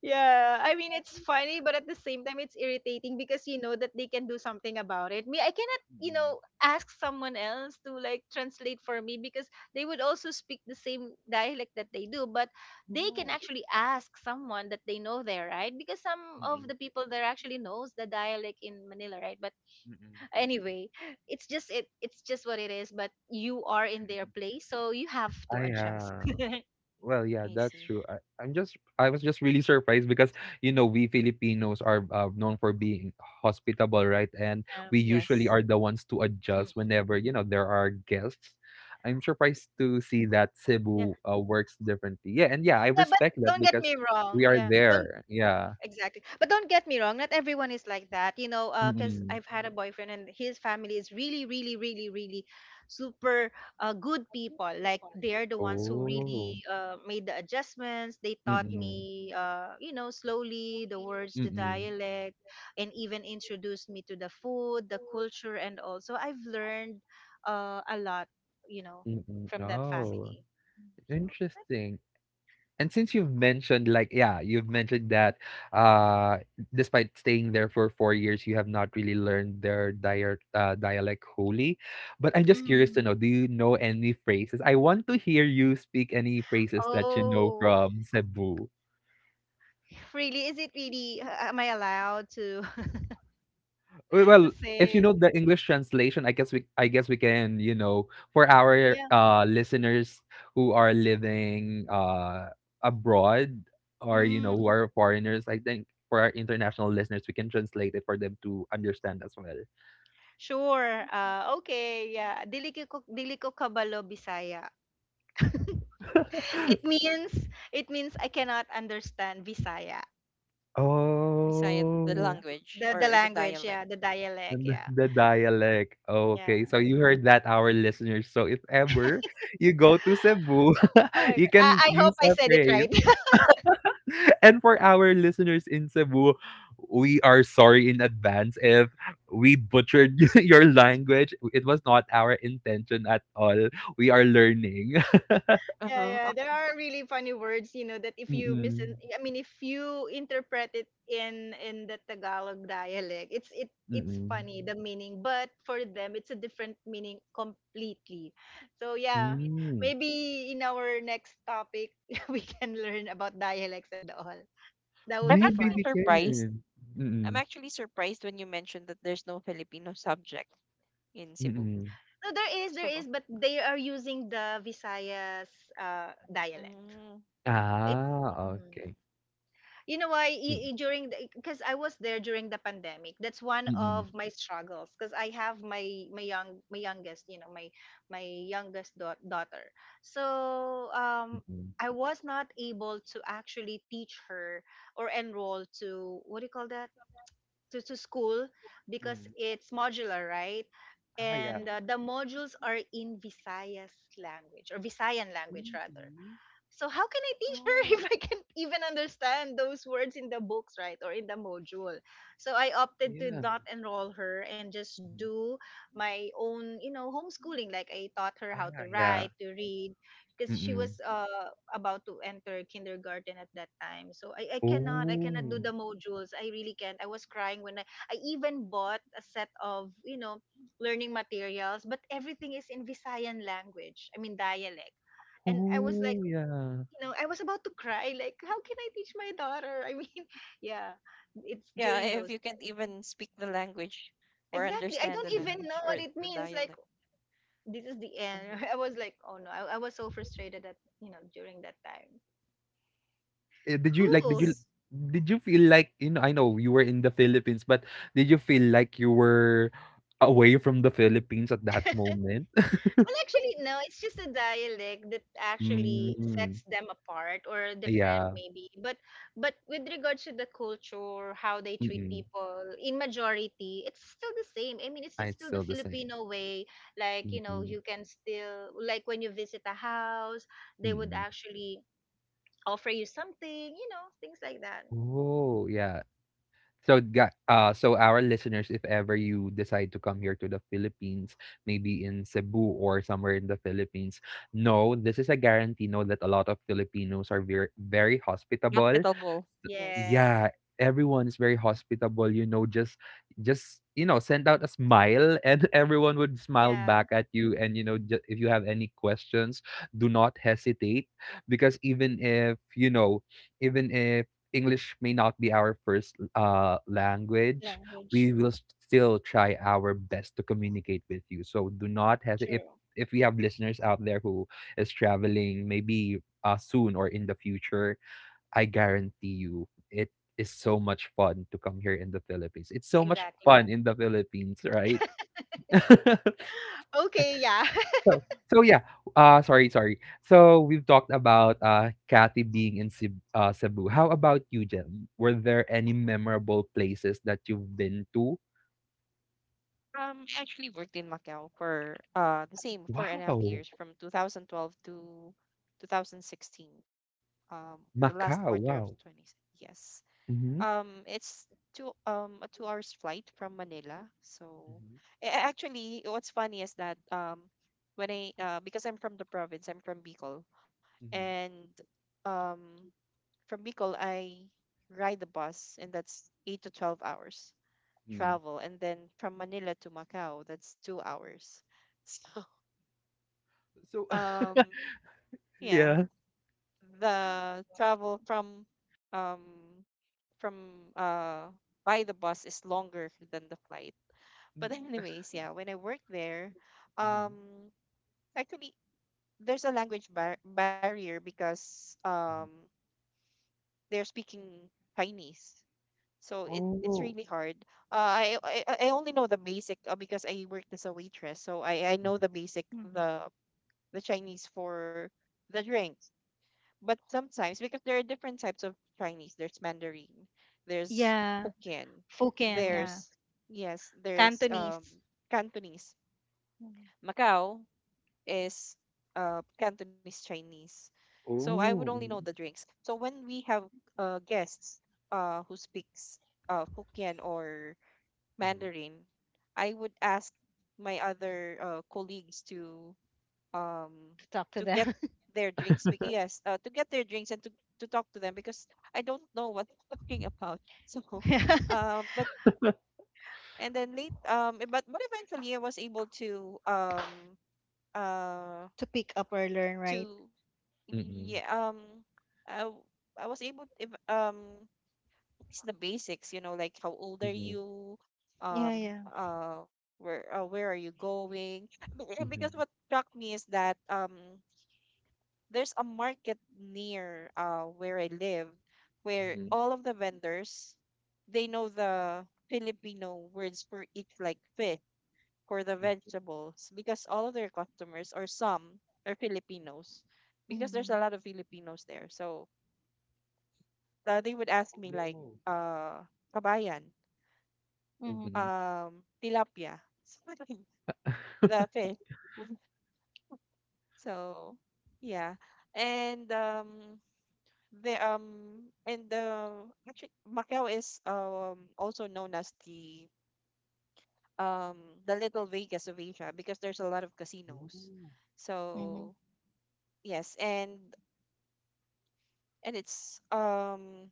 [SPEAKER 2] yeah, I mean it's funny, but at the same time it's irritating because you know that they can do something about it. Me, I cannot,
[SPEAKER 1] Mm.
[SPEAKER 2] ask someone else to like translate for me because they would also speak the same dialect that they do, but they can
[SPEAKER 1] Oh.
[SPEAKER 2] actually ask someone that they know there, right? Because some of
[SPEAKER 1] Mm.
[SPEAKER 2] the people there actually knows the dialect in Manila, right? But
[SPEAKER 1] Mm.
[SPEAKER 2] anyway, it's just it's just what it is, but you are in their place, so you have to
[SPEAKER 1] Ah,
[SPEAKER 2] adjust.
[SPEAKER 1] yeah.
[SPEAKER 2] [LAUGHS] yeah.
[SPEAKER 1] Well, yeah,
[SPEAKER 3] I
[SPEAKER 1] that's
[SPEAKER 3] see.
[SPEAKER 1] true. I'm just I was just really surprised because, you know, we Filipinos are, known for being hospitable, right? And we usually
[SPEAKER 3] Yes,
[SPEAKER 1] are the ones to adjust
[SPEAKER 2] Mm-mm.
[SPEAKER 1] whenever, there are guests. I'm surprised to see that Cebu, works differently. Yeah, and yeah, I
[SPEAKER 2] Yeah, but
[SPEAKER 1] respect that
[SPEAKER 2] don't get
[SPEAKER 1] because
[SPEAKER 2] me
[SPEAKER 1] we
[SPEAKER 2] wrong.
[SPEAKER 1] are
[SPEAKER 2] Yeah, don't
[SPEAKER 1] there. Yeah.
[SPEAKER 2] Exactly. But don't get me wrong. Not everyone is like that, you know. Because
[SPEAKER 1] Mm-mm.
[SPEAKER 2] I've had a boyfriend, and his family is really, really, really, really super good people. Like they're the ones who
[SPEAKER 1] Oh.
[SPEAKER 2] really made the adjustments. They taught
[SPEAKER 1] Mm-mm.
[SPEAKER 2] me, slowly the words, the
[SPEAKER 1] Mm-mm.
[SPEAKER 2] dialect, and even introduced me to the food, the culture, and also I've learned a lot, you know,
[SPEAKER 1] Mm-mm.
[SPEAKER 2] from that
[SPEAKER 3] I see.
[SPEAKER 1] Oh,
[SPEAKER 2] family. So.
[SPEAKER 1] interesting. And since you've mentioned, like, yeah, you've mentioned that, uh, despite staying there for 4 years, you have not really learned their dialect wholly. But I'm just curious to
[SPEAKER 2] Mm-hmm.
[SPEAKER 1] know, do you know any phrases? I want to hear you speak any phrases that you know
[SPEAKER 2] Oh,
[SPEAKER 1] from Cebu.
[SPEAKER 2] really? Is it really? Am I allowed to
[SPEAKER 1] We
[SPEAKER 2] [LAUGHS] to
[SPEAKER 1] well, if you
[SPEAKER 2] say?
[SPEAKER 1] know the English translation, I guess we can, you know, for our
[SPEAKER 2] Yeah.
[SPEAKER 1] listeners who are living abroad, or, who
[SPEAKER 2] Mm,
[SPEAKER 1] are foreigners. I think for our international listeners, we can translate it for them to understand as well.
[SPEAKER 2] sure. Okay. Yeah. Dili ko kabalo Bisaya. [LAUGHS] It
[SPEAKER 1] [LAUGHS]
[SPEAKER 2] means, I cannot understand Bisaya.
[SPEAKER 3] Beside the
[SPEAKER 1] Oh,
[SPEAKER 2] Yeah.
[SPEAKER 3] language
[SPEAKER 2] The
[SPEAKER 3] or the
[SPEAKER 2] language.
[SPEAKER 3] dialect.
[SPEAKER 2] Yeah. The dialect.
[SPEAKER 1] the,
[SPEAKER 2] Yeah.
[SPEAKER 1] the dialect.
[SPEAKER 2] Yeah.
[SPEAKER 1] Okay, so you heard that, our listeners. So if ever you go to Cebu,
[SPEAKER 2] Oh my
[SPEAKER 1] [LAUGHS]
[SPEAKER 2] God.
[SPEAKER 1] you can
[SPEAKER 2] I hope
[SPEAKER 1] use
[SPEAKER 2] I
[SPEAKER 1] a
[SPEAKER 2] said it
[SPEAKER 1] phrase.
[SPEAKER 2] right. [LAUGHS]
[SPEAKER 1] And for our listeners in Cebu, we are sorry in advance if we butchered [LAUGHS] your language. It was not our intention at all. We are learning.
[SPEAKER 2] Yeah,
[SPEAKER 3] Uh-huh.
[SPEAKER 2] yeah. There are really funny words, you know, that
[SPEAKER 1] [LAUGHS]
[SPEAKER 2] if you mis
[SPEAKER 1] Mm-mm.
[SPEAKER 2] I mean, if you interpret it in the Tagalog dialect, it it's
[SPEAKER 1] Mm-mm.
[SPEAKER 2] funny the meaning, but for them it's a different meaning completely. So yeah,
[SPEAKER 1] Mm.
[SPEAKER 2] maybe in our next topic [LAUGHS] we can learn about dialects and all. That would
[SPEAKER 3] I'm
[SPEAKER 2] be
[SPEAKER 1] Maybe
[SPEAKER 3] actually
[SPEAKER 2] fun.
[SPEAKER 1] they
[SPEAKER 3] surprised.
[SPEAKER 1] can.
[SPEAKER 3] I'm
[SPEAKER 1] Mm-mm.
[SPEAKER 3] actually surprised when you mentioned that there's no Filipino subject in Cebu.
[SPEAKER 1] Mm-mm.
[SPEAKER 2] No, there
[SPEAKER 3] So,
[SPEAKER 2] is, but they are using the Visayas dialect.
[SPEAKER 3] mm,
[SPEAKER 2] It's
[SPEAKER 1] Ah,
[SPEAKER 2] mm-hmm.
[SPEAKER 3] yeah.
[SPEAKER 1] okay.
[SPEAKER 2] you know why
[SPEAKER 1] Mm,
[SPEAKER 2] I- during because I was there during the pandemic. That's one
[SPEAKER 1] mm-mm.
[SPEAKER 2] of my struggles because I have my youngest, you know, my youngest daughter. So
[SPEAKER 1] Mm-mm.
[SPEAKER 2] I was not able to actually teach her or enroll to, what do you call that, to school because
[SPEAKER 1] Mm.
[SPEAKER 2] it's modular, right?
[SPEAKER 1] Ah, yeah.
[SPEAKER 2] And
[SPEAKER 3] Mm-hmm.
[SPEAKER 2] the modules are in Visayas language or Visayan language rather.
[SPEAKER 1] Really?
[SPEAKER 2] So how can I teach her [LAUGHS]
[SPEAKER 3] Oh.
[SPEAKER 2] if I can't even understand those words in the books, right, or in the module? So I opted to
[SPEAKER 1] Yeah.
[SPEAKER 2] not enroll her and just
[SPEAKER 1] Mhm.
[SPEAKER 2] do my own, you know, homeschooling. Like I taught her how to
[SPEAKER 1] Ah,
[SPEAKER 2] write,
[SPEAKER 1] yeah.
[SPEAKER 2] to read, because she was
[SPEAKER 1] Mm-mm.
[SPEAKER 2] about to enter kindergarten at that time. So I cannot do
[SPEAKER 1] Oh.
[SPEAKER 2] the
[SPEAKER 3] Mm.
[SPEAKER 2] modules. I really can't. I was crying when I even bought a set of, you know, learning materials, but everything is in Visayan language. I mean dialect. And I was like,
[SPEAKER 1] Oh,
[SPEAKER 2] you know, I was about to cry. Like, how can I teach my daughter? I mean, [LAUGHS] yeah, it's
[SPEAKER 3] Yeah,
[SPEAKER 2] during
[SPEAKER 3] if
[SPEAKER 2] those.
[SPEAKER 3] you can't even speak the language or
[SPEAKER 2] Exactly. I
[SPEAKER 3] understand
[SPEAKER 2] don't
[SPEAKER 3] the
[SPEAKER 1] yeah.
[SPEAKER 2] even know
[SPEAKER 3] language or
[SPEAKER 2] what it
[SPEAKER 3] the
[SPEAKER 2] means. Like,
[SPEAKER 3] dialect.
[SPEAKER 2] this is the
[SPEAKER 3] Hmm.
[SPEAKER 2] end. [LAUGHS] I was like, oh no, I was so frustrated that, you know, during that time.
[SPEAKER 1] Eh, did you like did
[SPEAKER 2] Who?
[SPEAKER 1] you
[SPEAKER 3] Yes.
[SPEAKER 1] did you feel like, I know you were in the Philippines, but did you feel like you were away from the Philippines at that
[SPEAKER 2] [LAUGHS]
[SPEAKER 1] moment? [LAUGHS]
[SPEAKER 2] Well, actually, no. It's just a dialect that actually
[SPEAKER 1] Mm,
[SPEAKER 2] sets them apart or different,
[SPEAKER 1] yeah.
[SPEAKER 2] maybe. But with regards to the culture, how they treat
[SPEAKER 1] Mm-mm.
[SPEAKER 2] people, in majority, it's still the same. I mean,
[SPEAKER 1] Ah,
[SPEAKER 2] it's
[SPEAKER 1] it's
[SPEAKER 2] still
[SPEAKER 1] still
[SPEAKER 2] the
[SPEAKER 1] the same.
[SPEAKER 2] Filipino way. Like, you know,
[SPEAKER 1] Mm-mm.
[SPEAKER 2] you can still, like, when you visit a house, they would
[SPEAKER 1] Mm-mm.
[SPEAKER 2] actually offer you something. You know, things like that.
[SPEAKER 1] Oh, yeah. So, our listeners, if ever you decide to come here to the Philippines, maybe in Cebu or somewhere in the Philippines, no, this is a guarantee. Know that a lot of Filipinos are very, very hospitable.
[SPEAKER 3] Hospitable. Yes.
[SPEAKER 2] Yes.
[SPEAKER 1] Yeah, everyone is very hospitable, you know, just, you know, send out a smile and [LAUGHS] everyone would smile
[SPEAKER 2] Yeah.
[SPEAKER 1] back at you. And, if you have any questions, do not hesitate, because even if English may not be our first language,
[SPEAKER 2] Language.
[SPEAKER 1] we will still try our best to communicate with you. So do not hesitate if
[SPEAKER 2] True.
[SPEAKER 1] if we have listeners out there who is traveling, maybe, soon or in the future. I guarantee you, it is so much fun to come here in the Philippines. It's so much fun
[SPEAKER 2] Exactly.
[SPEAKER 1] in the Philippines, right? [LAUGHS]
[SPEAKER 2] Okay. Yeah. [LAUGHS]
[SPEAKER 1] so, so, yeah. Sorry, sorry. So we've talked about Kathy being in Cebu. Cebu. How about you, Jem? Were there any memorable places that you've been to?
[SPEAKER 3] I actually worked in Macau for the same four and
[SPEAKER 1] Wow,
[SPEAKER 3] a half years from 2012 to 2016. Um, the last
[SPEAKER 1] Macau.
[SPEAKER 3] quarter of
[SPEAKER 1] Wow.
[SPEAKER 3] 20. Yes.
[SPEAKER 1] Mm-hmm.
[SPEAKER 3] It's two a 2 hours flight from Manila. So
[SPEAKER 1] Mm-hmm.
[SPEAKER 3] actually, what's funny is that when I because I'm from the province, I'm from Bicol,
[SPEAKER 1] Mm-hmm.
[SPEAKER 3] and um from Bicol I ride the bus, and that's 8 to 12 hours
[SPEAKER 1] Mm.
[SPEAKER 3] travel, and then from Manila to Macau that's 2 hours. [LAUGHS] So
[SPEAKER 1] So
[SPEAKER 3] um
[SPEAKER 1] [LAUGHS]
[SPEAKER 3] yeah,
[SPEAKER 1] yeah.
[SPEAKER 3] the travel from um from uh by the bus is longer than the flight. But anyways, yeah, when I worked there,
[SPEAKER 1] Mm-hmm.
[SPEAKER 3] um actually there's a language barrier because they're speaking Chinese. So it's
[SPEAKER 1] Oh.
[SPEAKER 3] really hard. I only know the basic, because I worked as a waitress, so I know the basic,
[SPEAKER 2] Mhm.
[SPEAKER 3] the the Chinese for the drinks. But sometimes, because there are different types of Chinese, there's Mandarin, there's
[SPEAKER 2] Yeah.
[SPEAKER 3] Hokkien,
[SPEAKER 2] Foken,
[SPEAKER 1] Mm-hmm.
[SPEAKER 2] yeah.
[SPEAKER 3] there's yes, there's
[SPEAKER 2] Cantonese.
[SPEAKER 3] Cantonese.
[SPEAKER 2] Mhm.
[SPEAKER 3] Macau is Cantonese Chinese. So I would only
[SPEAKER 1] Oh.
[SPEAKER 2] Mhm.
[SPEAKER 3] know the
[SPEAKER 1] Mm-hmm.
[SPEAKER 3] drinks. So when we have guests who speaks Hokkien or Mandarin, I would ask my other colleagues um
[SPEAKER 2] To talk
[SPEAKER 3] to
[SPEAKER 2] to
[SPEAKER 3] get
[SPEAKER 2] them.
[SPEAKER 3] their
[SPEAKER 2] [LAUGHS]
[SPEAKER 3] drinks. Bec- Yes, to get their drinks and to talk to them because I don't know what they're talking about. [LAUGHS] So,
[SPEAKER 2] Yeah.
[SPEAKER 3] but and then late e- but eventually I was able to uh
[SPEAKER 2] To pick up or learn, right?
[SPEAKER 3] to
[SPEAKER 1] Mm-hmm.
[SPEAKER 3] yeah, I w- I was able, if it's the basics, you know, like how old are
[SPEAKER 1] Mhm,
[SPEAKER 3] you,
[SPEAKER 2] Yeah,
[SPEAKER 3] um,
[SPEAKER 2] yeah.
[SPEAKER 3] uh, where are you going? Because
[SPEAKER 1] mhm,
[SPEAKER 3] what struck me is that, there's a market near where I live, where
[SPEAKER 1] mhm,
[SPEAKER 3] all of the vendors they know the Filipino words for each, like fish, for the
[SPEAKER 1] mhm.
[SPEAKER 3] vegetables, because all of their customers or some are Filipinos, because there's
[SPEAKER 2] Mm-hmm.
[SPEAKER 3] a lot of Filipinos there. So they would ask me like,
[SPEAKER 1] Oh.
[SPEAKER 3] uh, kabayan,
[SPEAKER 2] Mm-hmm.
[SPEAKER 1] Mhm.
[SPEAKER 3] tilapia, [LAUGHS] something, the fish, [LAUGHS] so yeah. And the and actually Macau is also known as um the little Vegas of Asia, because there's a lot of casinos.
[SPEAKER 1] Ooh.
[SPEAKER 2] Mm-hmm.
[SPEAKER 3] So yes, and it's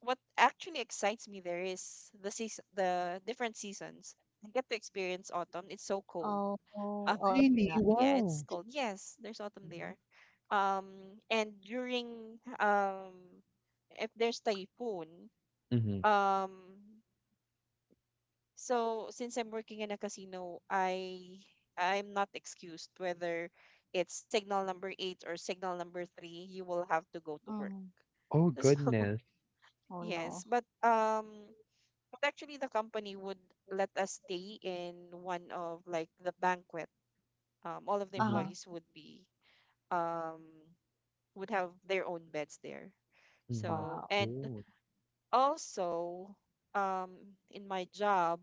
[SPEAKER 3] what actually excites me there is the season, the different seasons. I get to experience autumn. It's so cold.
[SPEAKER 2] Oh, oh,
[SPEAKER 3] Um,
[SPEAKER 2] oh, I
[SPEAKER 1] Really?
[SPEAKER 2] cannot.
[SPEAKER 3] [LAUGHS] yeah,
[SPEAKER 1] Wow.
[SPEAKER 3] it's cold. Yes, there's autumn
[SPEAKER 1] Mhm.
[SPEAKER 3] there. And during if there's typhoon,
[SPEAKER 1] Mhm.
[SPEAKER 3] um, so since I'm working in a casino, I I'm not excused whether it's signal number 8 or signal number 3. You will have to go to work.
[SPEAKER 2] Mm-hmm.
[SPEAKER 1] Oh,
[SPEAKER 3] [LAUGHS] So
[SPEAKER 1] goodness.
[SPEAKER 2] Oh no.
[SPEAKER 3] yes, but actually, the company would let us stay in one of like the banquet. All of the
[SPEAKER 2] Uh-huh.
[SPEAKER 1] Mhm,
[SPEAKER 3] employees would be um would have their own beds there.
[SPEAKER 1] mhm.
[SPEAKER 3] So
[SPEAKER 2] Wow.
[SPEAKER 3] and
[SPEAKER 1] Oh.
[SPEAKER 3] also in my job,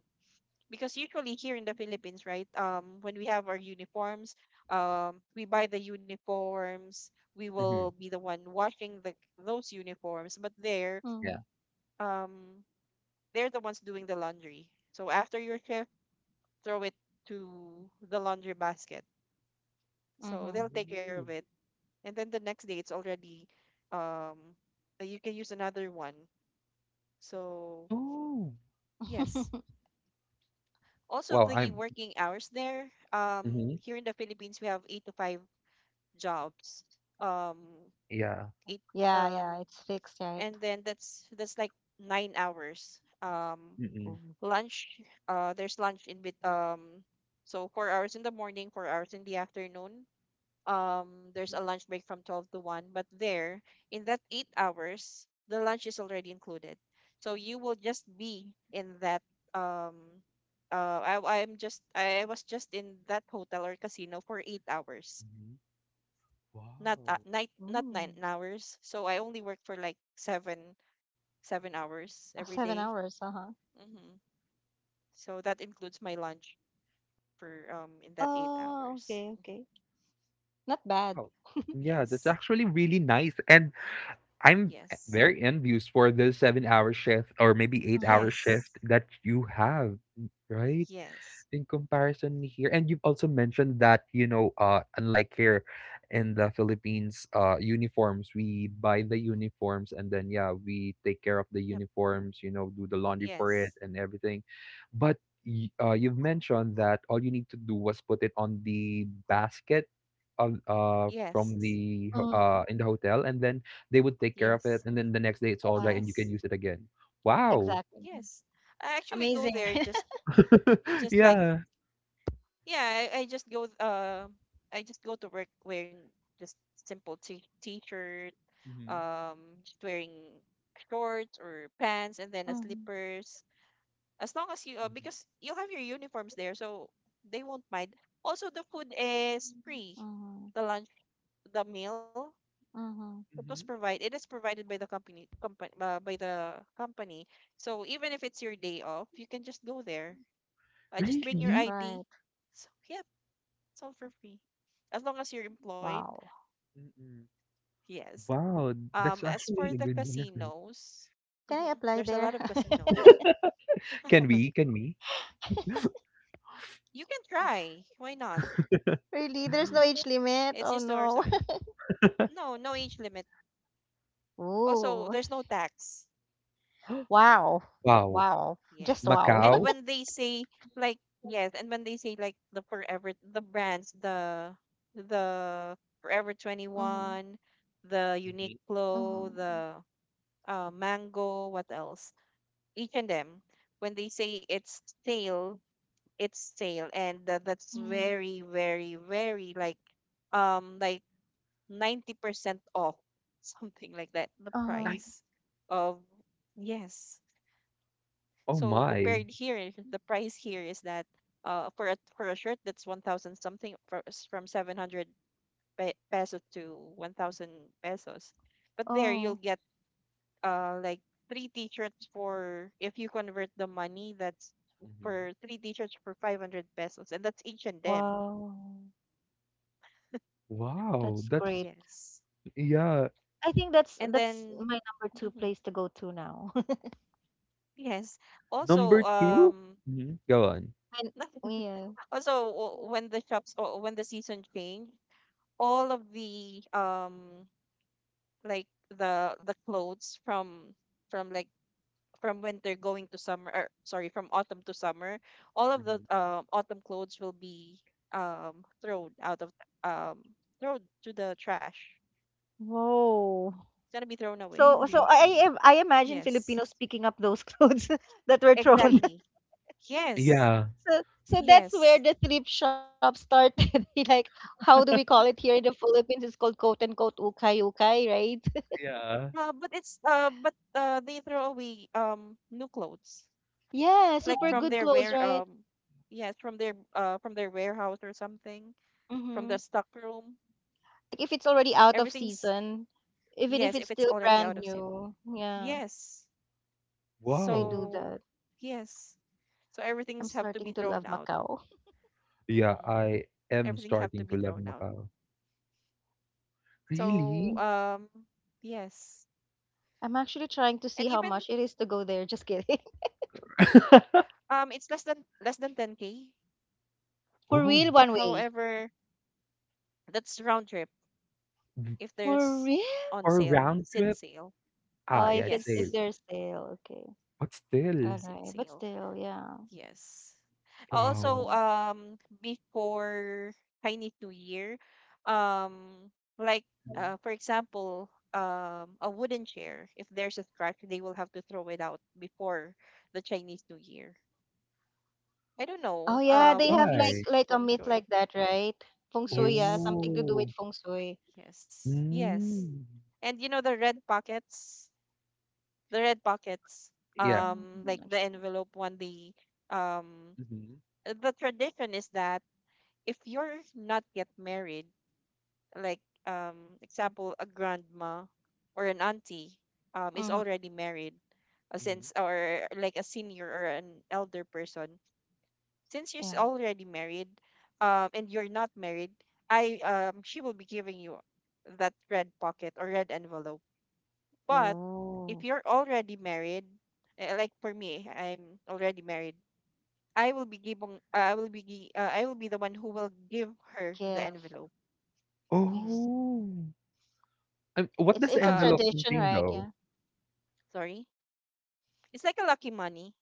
[SPEAKER 3] because usually here in the Philippines, right? When we have our uniforms, we buy the uniforms. We will
[SPEAKER 1] Mhm,
[SPEAKER 3] be the one washing the those uniforms. But there,
[SPEAKER 2] Mm-hmm.
[SPEAKER 1] yeah.
[SPEAKER 3] um, they're the ones doing the laundry. So after your shift throw it to the laundry basket. So
[SPEAKER 2] Mm-hmm.
[SPEAKER 3] they'll take care of
[SPEAKER 1] Oh.
[SPEAKER 3] it. And then the next day, it's already, um, you can use another one. So,
[SPEAKER 1] Oh.
[SPEAKER 3] yes.
[SPEAKER 2] [LAUGHS]
[SPEAKER 3] Also,
[SPEAKER 1] Wow,
[SPEAKER 3] the
[SPEAKER 1] I'm
[SPEAKER 3] working hours there,
[SPEAKER 1] mhm,
[SPEAKER 3] here in the Philippines, we have 8 to 5 jobs. Um,
[SPEAKER 1] yeah.
[SPEAKER 3] eight,
[SPEAKER 2] yeah,
[SPEAKER 3] um,
[SPEAKER 2] yeah, it's fixed, right?
[SPEAKER 3] and then that's like 9 hours. Um,
[SPEAKER 1] Mm.
[SPEAKER 2] Mm.
[SPEAKER 3] Lunch, there's lunch in bit. So 4 hours in the morning, 4 hours in the afternoon. There's a lunch break from 12 to 1, but there, in that 8 hours, the lunch is already included, so you will just be in that. Um uh I I'm just I was just in that hotel or casino for 8 hours,
[SPEAKER 1] Mhm.
[SPEAKER 3] not
[SPEAKER 1] Wow.
[SPEAKER 3] night not 9
[SPEAKER 2] Mm.
[SPEAKER 3] hours, so I only work for like 7 hours
[SPEAKER 2] Oh,
[SPEAKER 3] every
[SPEAKER 2] seven
[SPEAKER 3] day.
[SPEAKER 2] hours, uh-huh.
[SPEAKER 3] Mhm. So that includes my lunch for in that 8
[SPEAKER 2] Oh, okay,
[SPEAKER 3] hours.
[SPEAKER 2] okay.
[SPEAKER 3] Mhm.
[SPEAKER 2] Not bad.
[SPEAKER 1] Wow.
[SPEAKER 2] [LAUGHS]
[SPEAKER 1] Yeah, that's
[SPEAKER 3] Yes,
[SPEAKER 1] actually really nice, and I'm e
[SPEAKER 3] yes,
[SPEAKER 1] very envious for the seven-hour shift, or maybe
[SPEAKER 2] Mm.
[SPEAKER 1] eight-hour shift
[SPEAKER 3] yes,
[SPEAKER 1] that you have, right?
[SPEAKER 3] yes.
[SPEAKER 1] In comparison here. And you've also mentioned that, unlike here in the Philippines, uniforms, we buy the uniforms and then, yeah, we take care of the
[SPEAKER 3] Yep.
[SPEAKER 1] uniforms, you know, do the laundry for it
[SPEAKER 3] Yes.
[SPEAKER 1] and everything. But you've mentioned that all you need to do was put it on the basket of from
[SPEAKER 3] Yes.
[SPEAKER 1] the
[SPEAKER 2] Mm.
[SPEAKER 1] in the hotel, and then they would take care of
[SPEAKER 3] Yes.
[SPEAKER 1] it, and then the next day it's all dry
[SPEAKER 2] Yeah,
[SPEAKER 1] and you
[SPEAKER 3] Yes.
[SPEAKER 1] can use it again. Wow.
[SPEAKER 2] exactly.
[SPEAKER 3] Yes. I actually go
[SPEAKER 2] Amazing,
[SPEAKER 3] there
[SPEAKER 2] right?
[SPEAKER 3] just,
[SPEAKER 2] [LAUGHS]
[SPEAKER 1] [LAUGHS]
[SPEAKER 3] just like
[SPEAKER 1] Yeah.
[SPEAKER 3] yeah, I, I just go uh I just go to work wearing just simple t t-shirt, just wearing shorts or pants and then a
[SPEAKER 2] Mm-hmm.
[SPEAKER 3] slippers. As long as you because you have your uniforms there, so they won't mind. Also, the food is free.
[SPEAKER 2] Mm-hmm.
[SPEAKER 3] The lunch, the meal
[SPEAKER 2] Mm-hmm.
[SPEAKER 3] that was
[SPEAKER 1] Hmm.
[SPEAKER 3] provide it is provided by the company. So even if it's your day off, you can just go there, just bring your
[SPEAKER 1] Really?
[SPEAKER 3] ID.
[SPEAKER 2] Right.
[SPEAKER 3] So yeah, it's all for free as long as you're employed.
[SPEAKER 2] Wow.
[SPEAKER 1] Mm.
[SPEAKER 3] Yes.
[SPEAKER 1] Wow, that's
[SPEAKER 3] As for
[SPEAKER 1] actually a
[SPEAKER 3] the
[SPEAKER 1] good benefit.
[SPEAKER 3] casinos,
[SPEAKER 2] Can I
[SPEAKER 3] mhm,
[SPEAKER 2] apply
[SPEAKER 3] there's a lot
[SPEAKER 2] there?
[SPEAKER 3] of casinos.
[SPEAKER 1] Can
[SPEAKER 3] [LAUGHS]
[SPEAKER 1] we? Can we?
[SPEAKER 2] [LAUGHS]
[SPEAKER 3] You can try, why not?
[SPEAKER 1] [GASPS]
[SPEAKER 2] Really? There's no age limit?
[SPEAKER 3] It's
[SPEAKER 2] Oh
[SPEAKER 3] just 2 hours
[SPEAKER 2] no.
[SPEAKER 3] away. No, no age limit.
[SPEAKER 2] [LAUGHS]
[SPEAKER 3] Also,
[SPEAKER 2] Ooh.
[SPEAKER 3] there's no tax.
[SPEAKER 2] Wow.
[SPEAKER 1] Wow.
[SPEAKER 2] Wow. Just
[SPEAKER 3] Yes.
[SPEAKER 2] wow.
[SPEAKER 3] And
[SPEAKER 2] [LAUGHS]
[SPEAKER 1] Macau?
[SPEAKER 3] when they say like, yes, and when they say like the brands, the Forever
[SPEAKER 2] Mm-hmm.
[SPEAKER 3] 21, the
[SPEAKER 1] Mhm.
[SPEAKER 3] Uniqlo,
[SPEAKER 2] Mm-hmm.
[SPEAKER 3] the Mango, what else? Each and them. When they say it's sale, and that's
[SPEAKER 2] Mm-hmm.
[SPEAKER 3] very, very, very like, um like 90% off, [LAUGHS] something like that, the
[SPEAKER 2] Uh-huh.
[SPEAKER 1] Nine.
[SPEAKER 3] price of. Yes.
[SPEAKER 1] Oh
[SPEAKER 3] So
[SPEAKER 1] my.
[SPEAKER 3] compared here, the price here is that, for a shirt that's 1,000 something, for, from 700 pesos to 1,000 pesos, but there you'll
[SPEAKER 2] Oh.
[SPEAKER 3] get like three t-shirts for if you convert the money, that's
[SPEAKER 1] Mhm.
[SPEAKER 3] for three t-shirts for 500 pesos, and that's each and them.
[SPEAKER 2] Wow,
[SPEAKER 1] Wow,
[SPEAKER 2] that's great.
[SPEAKER 1] that's
[SPEAKER 3] Yes,
[SPEAKER 1] yeah.
[SPEAKER 2] I think
[SPEAKER 3] and
[SPEAKER 2] that's
[SPEAKER 3] then,
[SPEAKER 2] my number two
[SPEAKER 3] hmm.
[SPEAKER 2] place to go to now.
[SPEAKER 3] Yes. Also,
[SPEAKER 1] Number two? Mhm. Go on.
[SPEAKER 2] [LAUGHS] And, yeah.
[SPEAKER 3] [LAUGHS] also, when the season changed, all of the the clothes, from like from when they're going to summer, or sorry, from autumn to summer, all of the
[SPEAKER 1] Mhm.
[SPEAKER 3] autumn clothes will be, thrown out of um thrown to the trash.
[SPEAKER 2] Whoa.
[SPEAKER 3] It's gonna be thrown away.
[SPEAKER 2] So, so
[SPEAKER 1] Really?
[SPEAKER 2] I imagine
[SPEAKER 3] Yes,
[SPEAKER 2] Filipinos picking up those clothes [LAUGHS] that were thrown.
[SPEAKER 3] exactly, yes,
[SPEAKER 1] Yeah.
[SPEAKER 2] So so that's where
[SPEAKER 3] yes.
[SPEAKER 2] the thrift shop started. [LAUGHS] Like, how do we call it here in the Philippines? It's called quote unquote ukay ukay, right? [LAUGHS]
[SPEAKER 1] Yeah.
[SPEAKER 3] But they throw away new clothes,
[SPEAKER 2] Yeah,
[SPEAKER 3] like
[SPEAKER 2] super
[SPEAKER 3] from
[SPEAKER 2] good
[SPEAKER 3] their
[SPEAKER 2] clothes,
[SPEAKER 3] wear
[SPEAKER 2] right?
[SPEAKER 3] yes, from their, from their warehouse or something, from
[SPEAKER 2] Mm-hmm.
[SPEAKER 3] the stock room.
[SPEAKER 2] Like if it's already out of
[SPEAKER 3] Everything's...
[SPEAKER 2] season, even if
[SPEAKER 3] Yes,
[SPEAKER 2] it's
[SPEAKER 3] if it's
[SPEAKER 2] still
[SPEAKER 3] already out
[SPEAKER 2] brand
[SPEAKER 3] of season.
[SPEAKER 2] new, yeah,
[SPEAKER 3] Yes.
[SPEAKER 2] they
[SPEAKER 1] Wow.
[SPEAKER 2] do
[SPEAKER 3] So,
[SPEAKER 2] that.
[SPEAKER 3] yes. So
[SPEAKER 2] I'm
[SPEAKER 3] everything's have to
[SPEAKER 2] starting
[SPEAKER 3] be
[SPEAKER 2] to love
[SPEAKER 3] thrown out.
[SPEAKER 2] Macau.
[SPEAKER 1] Yeah,
[SPEAKER 3] Mm-hmm.
[SPEAKER 1] I am
[SPEAKER 3] Everything have
[SPEAKER 1] starting
[SPEAKER 3] to
[SPEAKER 1] to
[SPEAKER 3] be
[SPEAKER 1] love
[SPEAKER 3] thrown out.
[SPEAKER 1] Macau.
[SPEAKER 3] So,
[SPEAKER 1] Really?
[SPEAKER 3] yes.
[SPEAKER 2] I'm actually trying to
[SPEAKER 3] And
[SPEAKER 2] see how
[SPEAKER 3] even,
[SPEAKER 2] much it is to go there. Just kidding. [LAUGHS]
[SPEAKER 1] [LAUGHS]
[SPEAKER 3] it's less than 10K.
[SPEAKER 2] For real,
[SPEAKER 1] Oh,
[SPEAKER 2] one way.
[SPEAKER 3] However, that's round trip, if
[SPEAKER 2] For
[SPEAKER 3] there's
[SPEAKER 2] real?
[SPEAKER 3] on
[SPEAKER 1] for a
[SPEAKER 3] sale,
[SPEAKER 1] round
[SPEAKER 3] sit
[SPEAKER 1] trip?
[SPEAKER 3] sale.
[SPEAKER 1] Ah,
[SPEAKER 2] Oh,
[SPEAKER 1] yeah,
[SPEAKER 2] if
[SPEAKER 1] I'd
[SPEAKER 2] it's,
[SPEAKER 1] say,
[SPEAKER 2] if
[SPEAKER 3] Yes,
[SPEAKER 2] there's sale, okay.
[SPEAKER 1] but still,
[SPEAKER 2] All
[SPEAKER 3] sit
[SPEAKER 2] right, but
[SPEAKER 3] sale.
[SPEAKER 2] still, yeah.
[SPEAKER 3] Yes.
[SPEAKER 1] wow.
[SPEAKER 2] No.
[SPEAKER 3] Also, before Chinese New Year, um, like for example, a wooden chair. If there's a scratch, they will have to throw it out before the Chinese New Year. I don't
[SPEAKER 2] Oh
[SPEAKER 3] know.
[SPEAKER 2] yeah, they have
[SPEAKER 3] Maybe
[SPEAKER 1] Why?
[SPEAKER 3] it's
[SPEAKER 2] like a
[SPEAKER 3] feng
[SPEAKER 2] myth like
[SPEAKER 3] shui.
[SPEAKER 2] that, right? Feng Shui, yeah,
[SPEAKER 3] Yes,
[SPEAKER 2] something to do with
[SPEAKER 1] Oh.
[SPEAKER 2] Feng Shui.
[SPEAKER 3] yes, yes.
[SPEAKER 1] Mm.
[SPEAKER 3] And you know the red pockets, the red pockets.
[SPEAKER 1] Yeah.
[SPEAKER 2] Mm,
[SPEAKER 3] Like
[SPEAKER 2] not
[SPEAKER 3] the
[SPEAKER 2] sure.
[SPEAKER 3] envelope one. Um,
[SPEAKER 1] Mhm,
[SPEAKER 3] the tradition is that if you're not yet married, like, example, a grandma or an auntie, is
[SPEAKER 2] Mm-hmm.
[SPEAKER 3] already married.
[SPEAKER 1] mhm.
[SPEAKER 3] Since, or like, a senior or an elder person, since she's
[SPEAKER 2] Yeah.
[SPEAKER 3] already married, and you're not married, I she will be giving you that red pocket or red envelope. But if
[SPEAKER 2] Oh,
[SPEAKER 3] you're already married, like for me, I'm already married, I will be giving, I will be the one who will give her the
[SPEAKER 2] give.
[SPEAKER 3] envelope.
[SPEAKER 2] I
[SPEAKER 3] Hmm.
[SPEAKER 2] see.
[SPEAKER 1] Oh. What does the
[SPEAKER 2] It's a
[SPEAKER 3] Um,
[SPEAKER 1] envelope
[SPEAKER 2] tradition,
[SPEAKER 1] contain
[SPEAKER 2] right?
[SPEAKER 1] though?
[SPEAKER 2] Yeah.
[SPEAKER 3] Sorry. It's like a lucky money.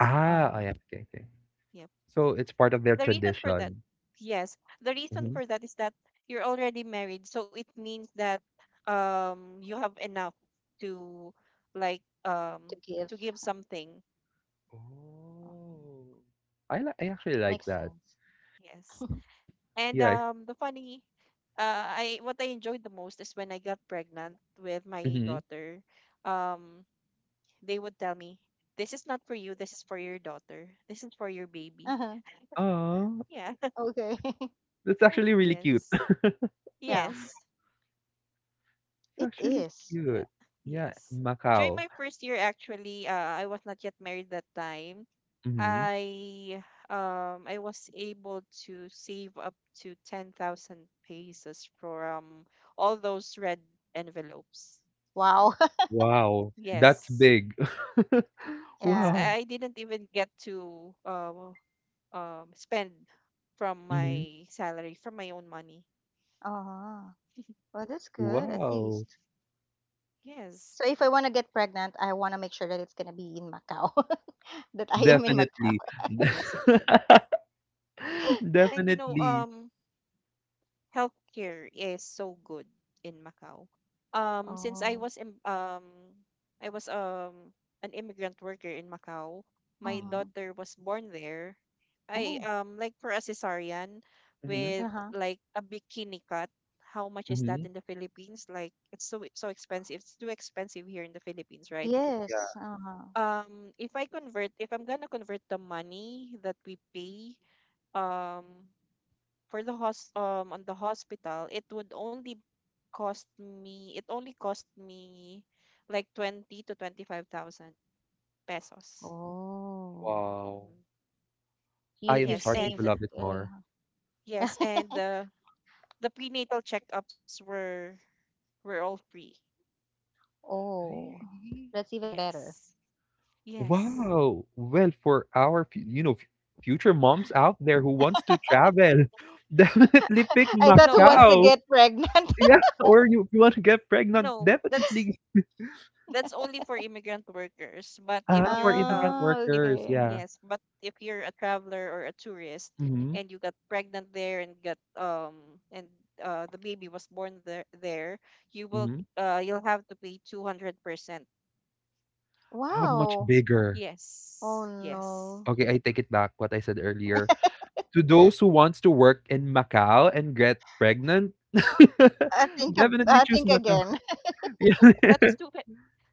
[SPEAKER 1] Ah, oh
[SPEAKER 2] Uh-huh.
[SPEAKER 1] yeah, okay, okay.
[SPEAKER 3] Yep.
[SPEAKER 1] So it's part of their
[SPEAKER 3] The reason for that,
[SPEAKER 1] tradition.
[SPEAKER 3] yes, the reason
[SPEAKER 1] Mhm.
[SPEAKER 3] for that is that you're already married, so it means that, you have enough to, like
[SPEAKER 2] To
[SPEAKER 3] um
[SPEAKER 2] give.
[SPEAKER 3] to give something.
[SPEAKER 2] Um,
[SPEAKER 1] Oh. I actually like
[SPEAKER 2] Makes
[SPEAKER 1] that.
[SPEAKER 2] sense.
[SPEAKER 3] Yes. And
[SPEAKER 1] Yeah, it's
[SPEAKER 3] the funny I what I enjoyed the most is when I got pregnant with my
[SPEAKER 1] mhm.
[SPEAKER 3] daughter. Um they would tell me, "This is not for you, this is for your daughter. This is for your baby."
[SPEAKER 2] Uh-huh.
[SPEAKER 1] Aw,
[SPEAKER 3] Yeah.
[SPEAKER 2] Okay. [LAUGHS]
[SPEAKER 1] that's actually
[SPEAKER 3] [LAUGHS]
[SPEAKER 1] really cute.
[SPEAKER 3] Yes.
[SPEAKER 1] [LAUGHS]
[SPEAKER 2] Yeah.
[SPEAKER 3] Yes.
[SPEAKER 1] It's
[SPEAKER 2] It
[SPEAKER 1] actually
[SPEAKER 2] is.
[SPEAKER 3] Uh,
[SPEAKER 1] cute. Yeah,
[SPEAKER 3] yes. During
[SPEAKER 1] Macau.
[SPEAKER 3] my first year, actually, I was not yet married that time.
[SPEAKER 1] Mhm.
[SPEAKER 3] I I was able to save up to 10,000 pesos from all those red envelopes.
[SPEAKER 2] Wow. [LAUGHS]
[SPEAKER 1] Wow, that's
[SPEAKER 3] Yes.
[SPEAKER 1] big. [LAUGHS]
[SPEAKER 3] Yes.
[SPEAKER 2] Yeah.
[SPEAKER 1] Wow.
[SPEAKER 3] I didn't even get to, spend from
[SPEAKER 1] Mhm.
[SPEAKER 3] my salary, from my own money.
[SPEAKER 2] Uh-huh. Well, that's
[SPEAKER 3] Yes.
[SPEAKER 2] good at
[SPEAKER 1] Wow.
[SPEAKER 2] least.
[SPEAKER 3] Yes.
[SPEAKER 2] So if I want to get pregnant, I want to make sure that it's gonna be in Macau, [LAUGHS] that I am in Macau.
[SPEAKER 1] Definitely.
[SPEAKER 3] Yes, you
[SPEAKER 1] [LAUGHS]
[SPEAKER 3] can. And you know,
[SPEAKER 1] Definitely.
[SPEAKER 3] healthcare is so good in Macau. Since I
[SPEAKER 2] Oh.
[SPEAKER 3] was, I was um an immigrant worker in Macau. My
[SPEAKER 1] Mhm.
[SPEAKER 2] Uh-huh.
[SPEAKER 3] daughter was born there. I
[SPEAKER 1] Oh.
[SPEAKER 3] Like, for a cesarean
[SPEAKER 1] Mhm,
[SPEAKER 3] with
[SPEAKER 2] Uh-huh.
[SPEAKER 3] like a bikini cut. How much is that
[SPEAKER 1] mhm.
[SPEAKER 3] in the Philippines? Like, it's so so expensive. It's too expensive here in the Philippines, right?
[SPEAKER 1] Yeah.
[SPEAKER 2] Yes, uh-huh.
[SPEAKER 3] If I'm gonna convert the money that we pay, um, for the hos on the hospital, it only cost me like 20 to 25,000 pesos.
[SPEAKER 2] Oh.
[SPEAKER 1] Wow.
[SPEAKER 3] Mhm.
[SPEAKER 1] I
[SPEAKER 2] You,
[SPEAKER 1] am
[SPEAKER 2] you've
[SPEAKER 3] Yes,
[SPEAKER 1] starting
[SPEAKER 3] and,
[SPEAKER 1] to
[SPEAKER 2] saved.
[SPEAKER 1] love it
[SPEAKER 2] Yeah.
[SPEAKER 1] more.
[SPEAKER 3] yes, and
[SPEAKER 2] [LAUGHS]
[SPEAKER 3] the prenatal checkups were all free.
[SPEAKER 2] Oh,
[SPEAKER 1] Really?
[SPEAKER 2] that's even better.
[SPEAKER 3] Yes. Yes.
[SPEAKER 1] Wow. Well, for our fu you know, f future moms out
[SPEAKER 3] Hmm.
[SPEAKER 1] there who wants to travel, [LAUGHS] definitely pick
[SPEAKER 2] [LAUGHS] I thought
[SPEAKER 3] No,
[SPEAKER 2] who
[SPEAKER 3] not,
[SPEAKER 2] wants to
[SPEAKER 1] Macau.
[SPEAKER 2] get pregnant. [LAUGHS]
[SPEAKER 1] Yeah, or you if you want to get pregnant,
[SPEAKER 3] no. That's
[SPEAKER 1] definitely,
[SPEAKER 3] that's only for immigrant workers. But if
[SPEAKER 1] ah,
[SPEAKER 3] you're
[SPEAKER 1] for immigrant
[SPEAKER 2] Oh,
[SPEAKER 3] if
[SPEAKER 1] workers,
[SPEAKER 2] okay.
[SPEAKER 1] yeah.
[SPEAKER 3] yes, but if you're a traveler or a tourist,
[SPEAKER 1] Mhm,
[SPEAKER 3] and you got pregnant there and got, and the baby was born there, you will,
[SPEAKER 1] mhm.
[SPEAKER 3] you'll have to pay 200%.
[SPEAKER 1] How much
[SPEAKER 3] [LAUGHS]
[SPEAKER 2] Wow.
[SPEAKER 1] bigger.
[SPEAKER 2] Oh
[SPEAKER 3] Yes. Yes.
[SPEAKER 2] no.
[SPEAKER 1] Okay, I take it back what I said earlier. To those who wants to work in Macau and get pregnant, [LAUGHS] definitely
[SPEAKER 2] I
[SPEAKER 1] choose
[SPEAKER 2] think
[SPEAKER 1] Macau. [LAUGHS]
[SPEAKER 2] again. [LAUGHS]
[SPEAKER 1] Yeah.
[SPEAKER 3] That was two fi-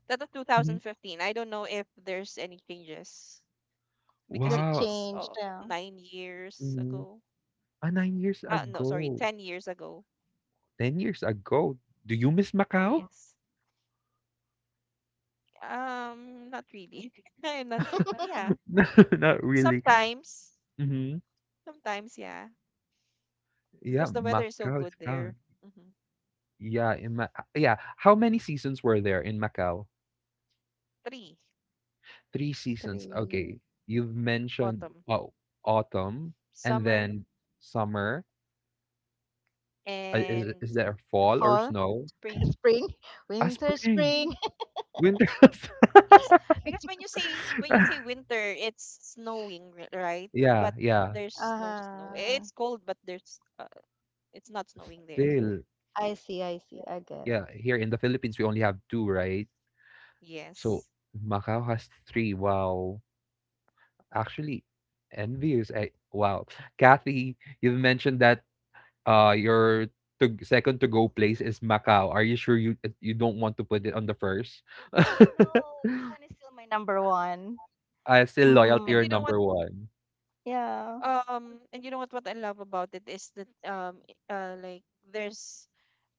[SPEAKER 3] that was two
[SPEAKER 1] Mhm.
[SPEAKER 3] thousand fifteen. I don't know if there's any changes, because
[SPEAKER 2] That
[SPEAKER 3] it
[SPEAKER 1] Wow.
[SPEAKER 3] was,
[SPEAKER 2] changed. Yeah.
[SPEAKER 3] 9 years
[SPEAKER 1] Mhm.
[SPEAKER 3] ago.
[SPEAKER 1] Ah, 9 years
[SPEAKER 3] Uh, no, sorry,
[SPEAKER 1] ago,
[SPEAKER 3] 10 years ago.
[SPEAKER 1] 10 years ago. Do you miss Macau?
[SPEAKER 2] Um,
[SPEAKER 3] Yes. Not really. [LAUGHS] I'm not. Yeah,
[SPEAKER 1] [LAUGHS] No, not really.
[SPEAKER 3] sometimes,
[SPEAKER 1] Mhm.
[SPEAKER 3] sometimes, yeah,
[SPEAKER 1] Yeah,
[SPEAKER 3] because the weather is so
[SPEAKER 1] Macau
[SPEAKER 3] good
[SPEAKER 1] is
[SPEAKER 3] there.
[SPEAKER 1] fun.
[SPEAKER 3] Hmm.
[SPEAKER 1] Yeah, in Ma yeah. How many seasons were there in Macau?
[SPEAKER 3] Three:
[SPEAKER 1] 3 seasons.
[SPEAKER 2] Three.
[SPEAKER 1] Okay. You've mentioned,
[SPEAKER 3] autumn,
[SPEAKER 1] oh, autumn and
[SPEAKER 3] summer,
[SPEAKER 1] then summer.
[SPEAKER 3] and
[SPEAKER 1] Is there fall or
[SPEAKER 2] Fall,
[SPEAKER 1] snow?
[SPEAKER 3] spring.
[SPEAKER 2] [LAUGHS] spring,
[SPEAKER 1] A
[SPEAKER 2] winter,
[SPEAKER 1] spring,
[SPEAKER 3] [LAUGHS]
[SPEAKER 2] spring. [LAUGHS]
[SPEAKER 1] winter. [LAUGHS]
[SPEAKER 3] Yes, because when you say winter, it's snowing, right? But
[SPEAKER 1] Yeah, yeah.
[SPEAKER 3] there's no snow. It's
[SPEAKER 2] Uh,
[SPEAKER 3] cold, but there's it's not snowing there.
[SPEAKER 1] Still,
[SPEAKER 2] I see. I
[SPEAKER 3] Mhm.
[SPEAKER 2] see. I get it.
[SPEAKER 1] yeah, here in the Philippines, we only have two, right?
[SPEAKER 3] Yes.
[SPEAKER 1] So Macau has three. Wow. Actually, envious. I, wow. Kathy, you've mentioned that your second to go place is Macau. Are you sure you don't want to put it on the first? [LAUGHS]
[SPEAKER 2] No, Japan is still my number one.
[SPEAKER 1] I still loyal to
[SPEAKER 3] And
[SPEAKER 1] your
[SPEAKER 3] you know
[SPEAKER 2] Hmm.
[SPEAKER 3] what?
[SPEAKER 1] number one.
[SPEAKER 2] Yeah.
[SPEAKER 3] What I love about it is that, like, there's,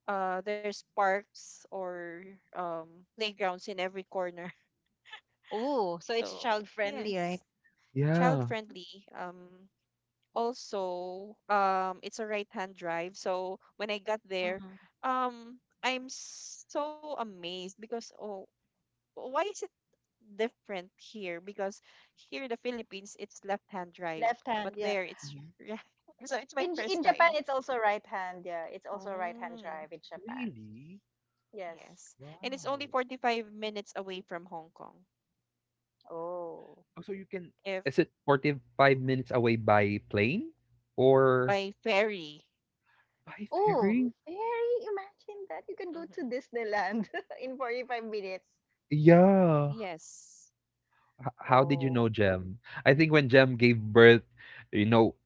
[SPEAKER 3] parks or um playgrounds in every corner. [LAUGHS]
[SPEAKER 2] Oh, so it's
[SPEAKER 3] So
[SPEAKER 2] child friendly, right?
[SPEAKER 3] yes, child
[SPEAKER 1] Yeah.
[SPEAKER 3] friendly. um Also, it's a right hand drive, so when I got there,
[SPEAKER 2] Mm-hmm.
[SPEAKER 3] I'm so amazed because, oh, why is it different here? Because here in the Philippines it's left hand drive,
[SPEAKER 2] Left hand,
[SPEAKER 3] but
[SPEAKER 2] yeah.
[SPEAKER 3] there it's
[SPEAKER 1] Wow,
[SPEAKER 3] right. [LAUGHS] So it's my
[SPEAKER 2] In J- in
[SPEAKER 3] first
[SPEAKER 2] Japan,
[SPEAKER 3] time.
[SPEAKER 2] it's also right hand. Yeah, it's also right hand
[SPEAKER 3] Oh,
[SPEAKER 2] drive in Japan.
[SPEAKER 1] really?
[SPEAKER 2] Yes.
[SPEAKER 3] yes. And it's only
[SPEAKER 1] Wow.
[SPEAKER 3] 45 minutes away from Hong Kong,
[SPEAKER 2] Oh,
[SPEAKER 1] Oh, so you can
[SPEAKER 3] if...
[SPEAKER 1] is it 45 minutes away by plane or
[SPEAKER 3] By ferry.
[SPEAKER 1] by
[SPEAKER 2] oh,
[SPEAKER 1] ferry?
[SPEAKER 2] very. Imagine that you can go to
[SPEAKER 3] Hmm.
[SPEAKER 2] Disneyland [LAUGHS] in 45 minutes.
[SPEAKER 1] Yeah.
[SPEAKER 3] Yes.
[SPEAKER 1] How did you
[SPEAKER 2] Oh.
[SPEAKER 1] know Jem? I think when Jem gave birth, you know,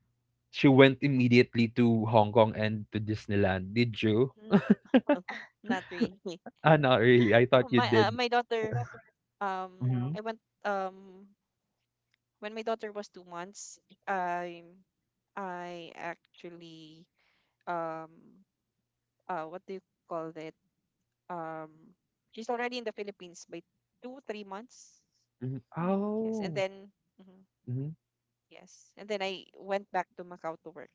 [SPEAKER 1] she went immediately to Hong Kong and to Disneyland. Did you?
[SPEAKER 3] Mm, not really.
[SPEAKER 1] Ah, not really. I
[SPEAKER 3] [LAUGHS]
[SPEAKER 1] thought you did.
[SPEAKER 3] My daughter, I
[SPEAKER 1] No.
[SPEAKER 3] went, um when my daughter was 2 months, I I actually, um what do you call that? um she's already in the Philippines by two three months.
[SPEAKER 1] Mm-hmm.
[SPEAKER 2] Mm.
[SPEAKER 3] Yes, and
[SPEAKER 1] Oh.
[SPEAKER 3] then, I went back to Macau to work.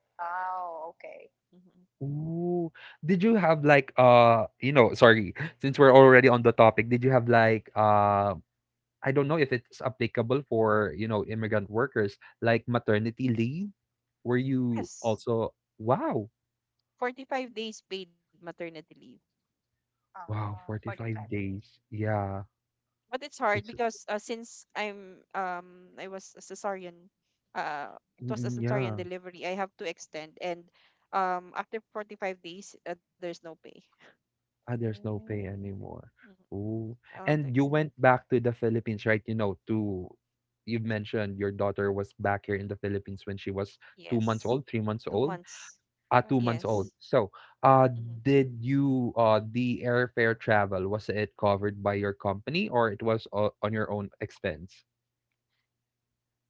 [SPEAKER 2] Wow. Okay.
[SPEAKER 3] Hmm.
[SPEAKER 1] Ooh. Did you have like you know, sorry, since we're already on the topic, did you have like I don't know if it's applicable for, you know, immigrant workers, like maternity leave? Were you
[SPEAKER 3] Yes,
[SPEAKER 1] also wow,
[SPEAKER 3] 45 days paid maternity leave.
[SPEAKER 1] wow,
[SPEAKER 2] Ah, 45
[SPEAKER 1] 45
[SPEAKER 2] days.
[SPEAKER 1] days. Yeah.
[SPEAKER 3] But it's hard
[SPEAKER 1] That's
[SPEAKER 3] because, since, I was a cesarean, it was a
[SPEAKER 1] mm,
[SPEAKER 3] cesarean
[SPEAKER 1] yeah.
[SPEAKER 3] delivery. I have to extend, and after 45 days, there's no pay.
[SPEAKER 1] Ah, there's no
[SPEAKER 2] Mm,
[SPEAKER 1] pay anymore.
[SPEAKER 3] Mhm.
[SPEAKER 1] Ooh.
[SPEAKER 3] I'll have to
[SPEAKER 1] And you
[SPEAKER 3] extend.
[SPEAKER 1] went back to the Philippines, right? You know, to You've mentioned your daughter was back here in the Philippines when she was 2 months
[SPEAKER 3] Yes,
[SPEAKER 1] old, 3 months
[SPEAKER 3] two
[SPEAKER 1] old.
[SPEAKER 3] months.
[SPEAKER 1] 2 months
[SPEAKER 2] Mm-hmm.
[SPEAKER 1] old.
[SPEAKER 3] Yes.
[SPEAKER 1] So, uh,
[SPEAKER 3] Mm-hmm.
[SPEAKER 1] did you the airfare travel, was it covered by your company, or it was o on your own expense?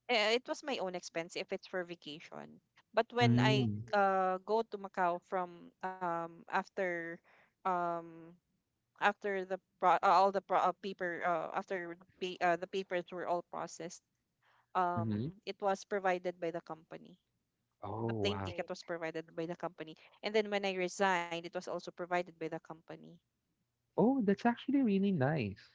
[SPEAKER 3] It was my own expense if it's for vacation. But when I,
[SPEAKER 1] Mm.
[SPEAKER 3] go to Macau, from after um after the pro- all the pro- paper the papers were all processed,
[SPEAKER 1] Mhm.
[SPEAKER 3] um it was provided by the company.
[SPEAKER 1] Oh,
[SPEAKER 3] The plane
[SPEAKER 1] wow.
[SPEAKER 2] Great.
[SPEAKER 3] ticket was provided by the company. And then when I resigned, it was also provided by the company.
[SPEAKER 1] Oh, that's actually really nice.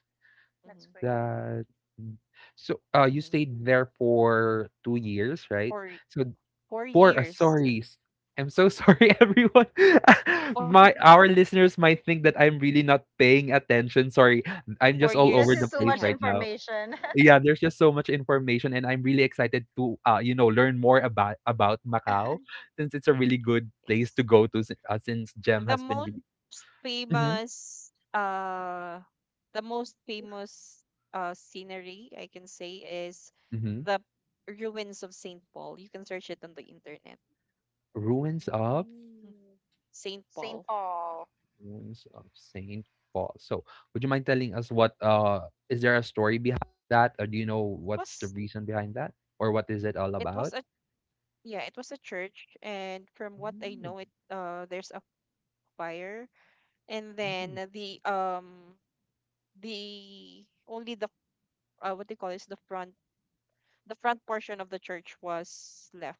[SPEAKER 2] That's
[SPEAKER 3] Hmm.
[SPEAKER 2] great. Mhm.
[SPEAKER 1] That mm. So, you
[SPEAKER 3] Hmm.
[SPEAKER 1] stayed there for 2 years, right?
[SPEAKER 3] four
[SPEAKER 1] So,
[SPEAKER 3] four
[SPEAKER 1] for
[SPEAKER 3] years and-
[SPEAKER 1] sorry. S I'm so sorry, [LAUGHS]
[SPEAKER 2] Four.
[SPEAKER 1] everyone. [LAUGHS]
[SPEAKER 3] [LAUGHS] Four,
[SPEAKER 1] My our listeners might think that I'm really not paying attention. Sorry, I'm
[SPEAKER 3] four
[SPEAKER 1] just all
[SPEAKER 2] There's
[SPEAKER 1] over
[SPEAKER 2] just too
[SPEAKER 1] the
[SPEAKER 3] years and
[SPEAKER 2] much
[SPEAKER 3] a
[SPEAKER 1] place
[SPEAKER 3] half.
[SPEAKER 1] right now.
[SPEAKER 2] information. [LAUGHS]
[SPEAKER 1] Yeah, there's just so much information, and I'm really excited to, you know, learn more about Macau, since it's a really good place to
[SPEAKER 3] Yes.
[SPEAKER 1] go to, since Gem
[SPEAKER 3] The
[SPEAKER 1] has been
[SPEAKER 3] most
[SPEAKER 1] really mhm,
[SPEAKER 3] famous, the most famous scenery, I can say, is
[SPEAKER 1] mhm.
[SPEAKER 3] the ruins of Saint Paul. You can search it on the internet.
[SPEAKER 1] Ruins of
[SPEAKER 3] Mm.
[SPEAKER 2] Mm.
[SPEAKER 3] Saint
[SPEAKER 2] St.
[SPEAKER 3] Paul.
[SPEAKER 2] Paul.
[SPEAKER 1] Saint Paul. So, would you mind telling us what is there a story behind that, or do you know
[SPEAKER 3] it
[SPEAKER 1] what's the
[SPEAKER 3] was
[SPEAKER 1] reason behind that, or what is it all
[SPEAKER 3] it was
[SPEAKER 1] about?
[SPEAKER 3] a Yeah, it was a church, and from what I
[SPEAKER 1] Mm,
[SPEAKER 3] know, it there's a fire, and then
[SPEAKER 1] mm.
[SPEAKER 3] the only the what they call is the front portion of the church was left.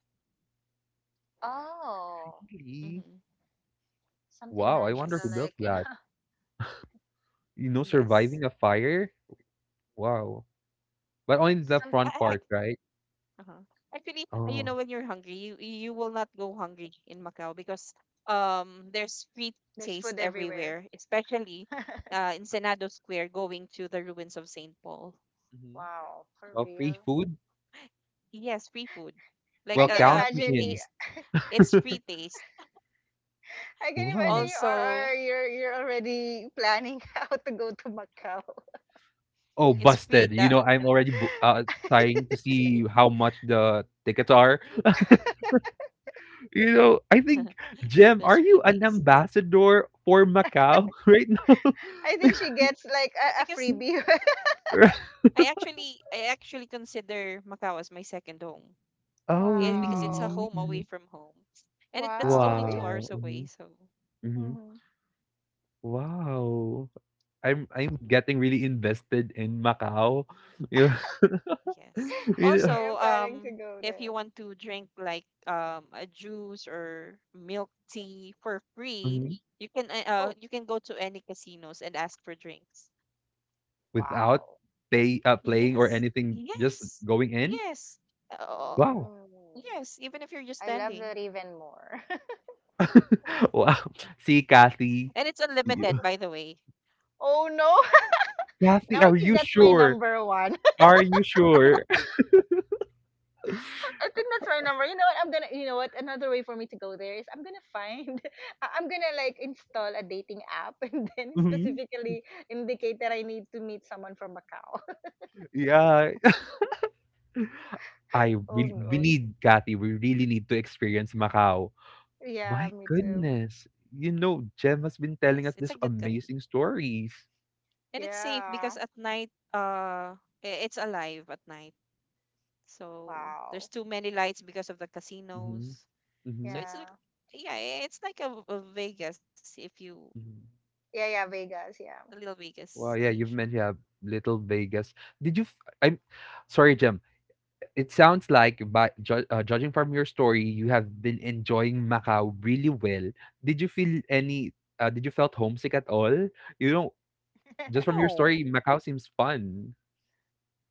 [SPEAKER 2] Oh,
[SPEAKER 1] Really?
[SPEAKER 3] Mm-hmm.
[SPEAKER 2] something
[SPEAKER 1] Wow, I wonder
[SPEAKER 2] magical,
[SPEAKER 1] who
[SPEAKER 3] Yes,
[SPEAKER 1] built
[SPEAKER 2] like, you
[SPEAKER 1] that.
[SPEAKER 2] know, [LAUGHS]
[SPEAKER 1] You know,
[SPEAKER 3] yes.
[SPEAKER 1] surviving a fire. Wow, but only the
[SPEAKER 2] some.
[SPEAKER 1] front
[SPEAKER 3] I,
[SPEAKER 1] part, right?
[SPEAKER 3] I, uh Actually, you know,
[SPEAKER 1] Oh.
[SPEAKER 3] when you're hungry, you will not go hungry in Macau, because there's free
[SPEAKER 2] There's
[SPEAKER 3] taste
[SPEAKER 2] food
[SPEAKER 3] everywhere,
[SPEAKER 2] everywhere.
[SPEAKER 3] especially
[SPEAKER 2] [LAUGHS]
[SPEAKER 3] in Senado Square, going to the ruins of Saint Paul.
[SPEAKER 1] Mhm.
[SPEAKER 2] Wow, for
[SPEAKER 1] Well, free
[SPEAKER 2] real.
[SPEAKER 1] food?
[SPEAKER 3] Yes, free food. Like
[SPEAKER 2] I
[SPEAKER 3] a,
[SPEAKER 1] Well,
[SPEAKER 2] can
[SPEAKER 1] count me
[SPEAKER 3] free
[SPEAKER 2] imagine you.
[SPEAKER 1] in.
[SPEAKER 3] taste.
[SPEAKER 2] [LAUGHS]
[SPEAKER 3] It's
[SPEAKER 1] [LAUGHS]
[SPEAKER 3] free taste.
[SPEAKER 2] I can imagine
[SPEAKER 1] Wow.
[SPEAKER 2] you are,
[SPEAKER 3] Also,
[SPEAKER 2] are you're already planning [LAUGHS] how to go to Macau.
[SPEAKER 1] Oh,
[SPEAKER 3] it's
[SPEAKER 1] busted.
[SPEAKER 3] free
[SPEAKER 1] You know,
[SPEAKER 3] that
[SPEAKER 1] I'm already bo trying to see [LAUGHS] how much the tickets are. You know, I think,
[SPEAKER 3] [LAUGHS]
[SPEAKER 1] Jem, are
[SPEAKER 3] there's
[SPEAKER 1] you
[SPEAKER 3] free
[SPEAKER 1] an
[SPEAKER 3] taste.
[SPEAKER 1] ambassador for Macau [LAUGHS] right now?
[SPEAKER 2] I think she gets like a
[SPEAKER 3] Because
[SPEAKER 2] freebie.
[SPEAKER 1] [LAUGHS]
[SPEAKER 3] I actually consider Macau as my second home.
[SPEAKER 2] [LAUGHS]
[SPEAKER 1] Oh,
[SPEAKER 3] Because it's a
[SPEAKER 2] Wow,
[SPEAKER 1] really?
[SPEAKER 3] home away
[SPEAKER 1] Mhm.
[SPEAKER 3] from home. And it, that's
[SPEAKER 2] wow,
[SPEAKER 3] only two
[SPEAKER 2] yeah.
[SPEAKER 1] Wow.
[SPEAKER 3] hours
[SPEAKER 1] Hmm.
[SPEAKER 3] away, so
[SPEAKER 1] Hmm.
[SPEAKER 2] Mm-hmm.
[SPEAKER 1] Wow. I'm getting really invested in Macau. [LAUGHS] Yeah.
[SPEAKER 3] yes.
[SPEAKER 1] [LAUGHS] You
[SPEAKER 2] [LAUGHS]
[SPEAKER 1] know.
[SPEAKER 2] you're
[SPEAKER 3] Also,
[SPEAKER 2] planning to go
[SPEAKER 3] if
[SPEAKER 2] there.
[SPEAKER 3] you want to drink like a juice or milk tea for free, you can uh
[SPEAKER 2] Oh,
[SPEAKER 3] you can go to any casinos and ask for drinks.
[SPEAKER 1] Without
[SPEAKER 2] wow.
[SPEAKER 1] playing or
[SPEAKER 3] Yes.
[SPEAKER 1] anything, just
[SPEAKER 3] Yes.
[SPEAKER 1] going in.
[SPEAKER 3] Yes. Oh,
[SPEAKER 1] Wow,
[SPEAKER 2] Mm.
[SPEAKER 3] yes, even if you're just
[SPEAKER 2] I love that
[SPEAKER 3] standing.
[SPEAKER 2] even more. [LAUGHS]
[SPEAKER 1] [LAUGHS] wow. See,
[SPEAKER 3] And
[SPEAKER 1] Kathy,
[SPEAKER 3] it's
[SPEAKER 1] Y-
[SPEAKER 3] unlimited, by the way.
[SPEAKER 2] Oh no. [LAUGHS] Now I
[SPEAKER 1] Are
[SPEAKER 2] think
[SPEAKER 1] you
[SPEAKER 2] that's my
[SPEAKER 1] sure?
[SPEAKER 2] number one. [LAUGHS]
[SPEAKER 1] Are you sure? [LAUGHS]
[SPEAKER 2] I think that's my number. You know what? I'm gonna. You know what? Another way for me to go there is I'm gonna find. [LAUGHS] I'm gonna like install a dating app [LAUGHS] and then
[SPEAKER 1] Mhm.
[SPEAKER 2] specifically indicate that I need to meet someone from Macau.
[SPEAKER 1] Yeah,
[SPEAKER 3] [LAUGHS]
[SPEAKER 1] [LAUGHS] I
[SPEAKER 2] [LAUGHS] Oh
[SPEAKER 1] really we
[SPEAKER 2] no.
[SPEAKER 1] need Kathy. We really need to experience Macau.
[SPEAKER 2] Yeah,
[SPEAKER 1] My
[SPEAKER 2] me too.
[SPEAKER 1] goodness, you know, Jem has been
[SPEAKER 3] Yes,
[SPEAKER 1] telling
[SPEAKER 3] it's
[SPEAKER 1] us
[SPEAKER 3] a
[SPEAKER 1] this
[SPEAKER 3] good country.
[SPEAKER 1] amazing stories.
[SPEAKER 3] And it's safe because
[SPEAKER 2] Yeah.
[SPEAKER 3] at night, it's alive at night. So
[SPEAKER 2] Wow.
[SPEAKER 3] there's too many lights because of the
[SPEAKER 1] Hmm.
[SPEAKER 3] casinos. So
[SPEAKER 1] Hmm.
[SPEAKER 3] it's like-
[SPEAKER 2] Yeah.
[SPEAKER 3] yeah, it's like a, Vegas, if you
[SPEAKER 1] Hmm.
[SPEAKER 2] Yeah, yeah, Vegas,
[SPEAKER 3] a
[SPEAKER 2] yeah.
[SPEAKER 3] little Vegas of
[SPEAKER 1] Wow, yeah,
[SPEAKER 3] Asia.
[SPEAKER 1] you've mentioned yeah, Little Vegas. Did you? I'm sorry, Jem. It sounds like, judging from your story, you have been enjoying Macau really well. Did you feel any? Did you felt homesick at all? You know, just from your
[SPEAKER 2] [LAUGHS]
[SPEAKER 3] No,
[SPEAKER 1] story, Macau seems fun.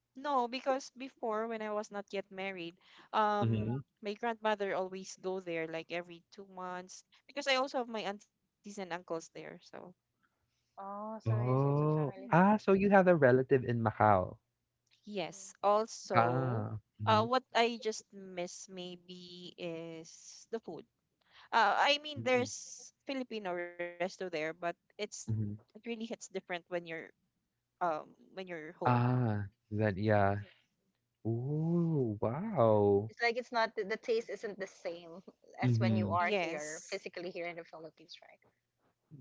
[SPEAKER 3] no, because before, when I was not yet married,
[SPEAKER 1] Hmm.
[SPEAKER 3] my grandmother always go there like every 2 months, because I also have my aunties and uncles there. So
[SPEAKER 2] Oh, so it's a
[SPEAKER 1] Oh,
[SPEAKER 3] yeah.
[SPEAKER 2] family thing.
[SPEAKER 1] ah, so you
[SPEAKER 3] Hmm.
[SPEAKER 1] have a relative in Macau.
[SPEAKER 3] Yes.
[SPEAKER 2] Mm,
[SPEAKER 3] Also,
[SPEAKER 1] Ah, mm-hmm.
[SPEAKER 3] what I just miss maybe is the food. I mean, there's Filipino resto there, but it's,
[SPEAKER 1] Hmm.
[SPEAKER 3] it really hits different when you're, um when you're home.
[SPEAKER 1] Ah, then yeah.
[SPEAKER 2] mhm.
[SPEAKER 1] Oh, wow.
[SPEAKER 2] It's like it's not the, the taste isn't the same as when you
[SPEAKER 1] Mm-hmm.
[SPEAKER 2] are here,
[SPEAKER 3] Yes.
[SPEAKER 2] physically here in the Philippines,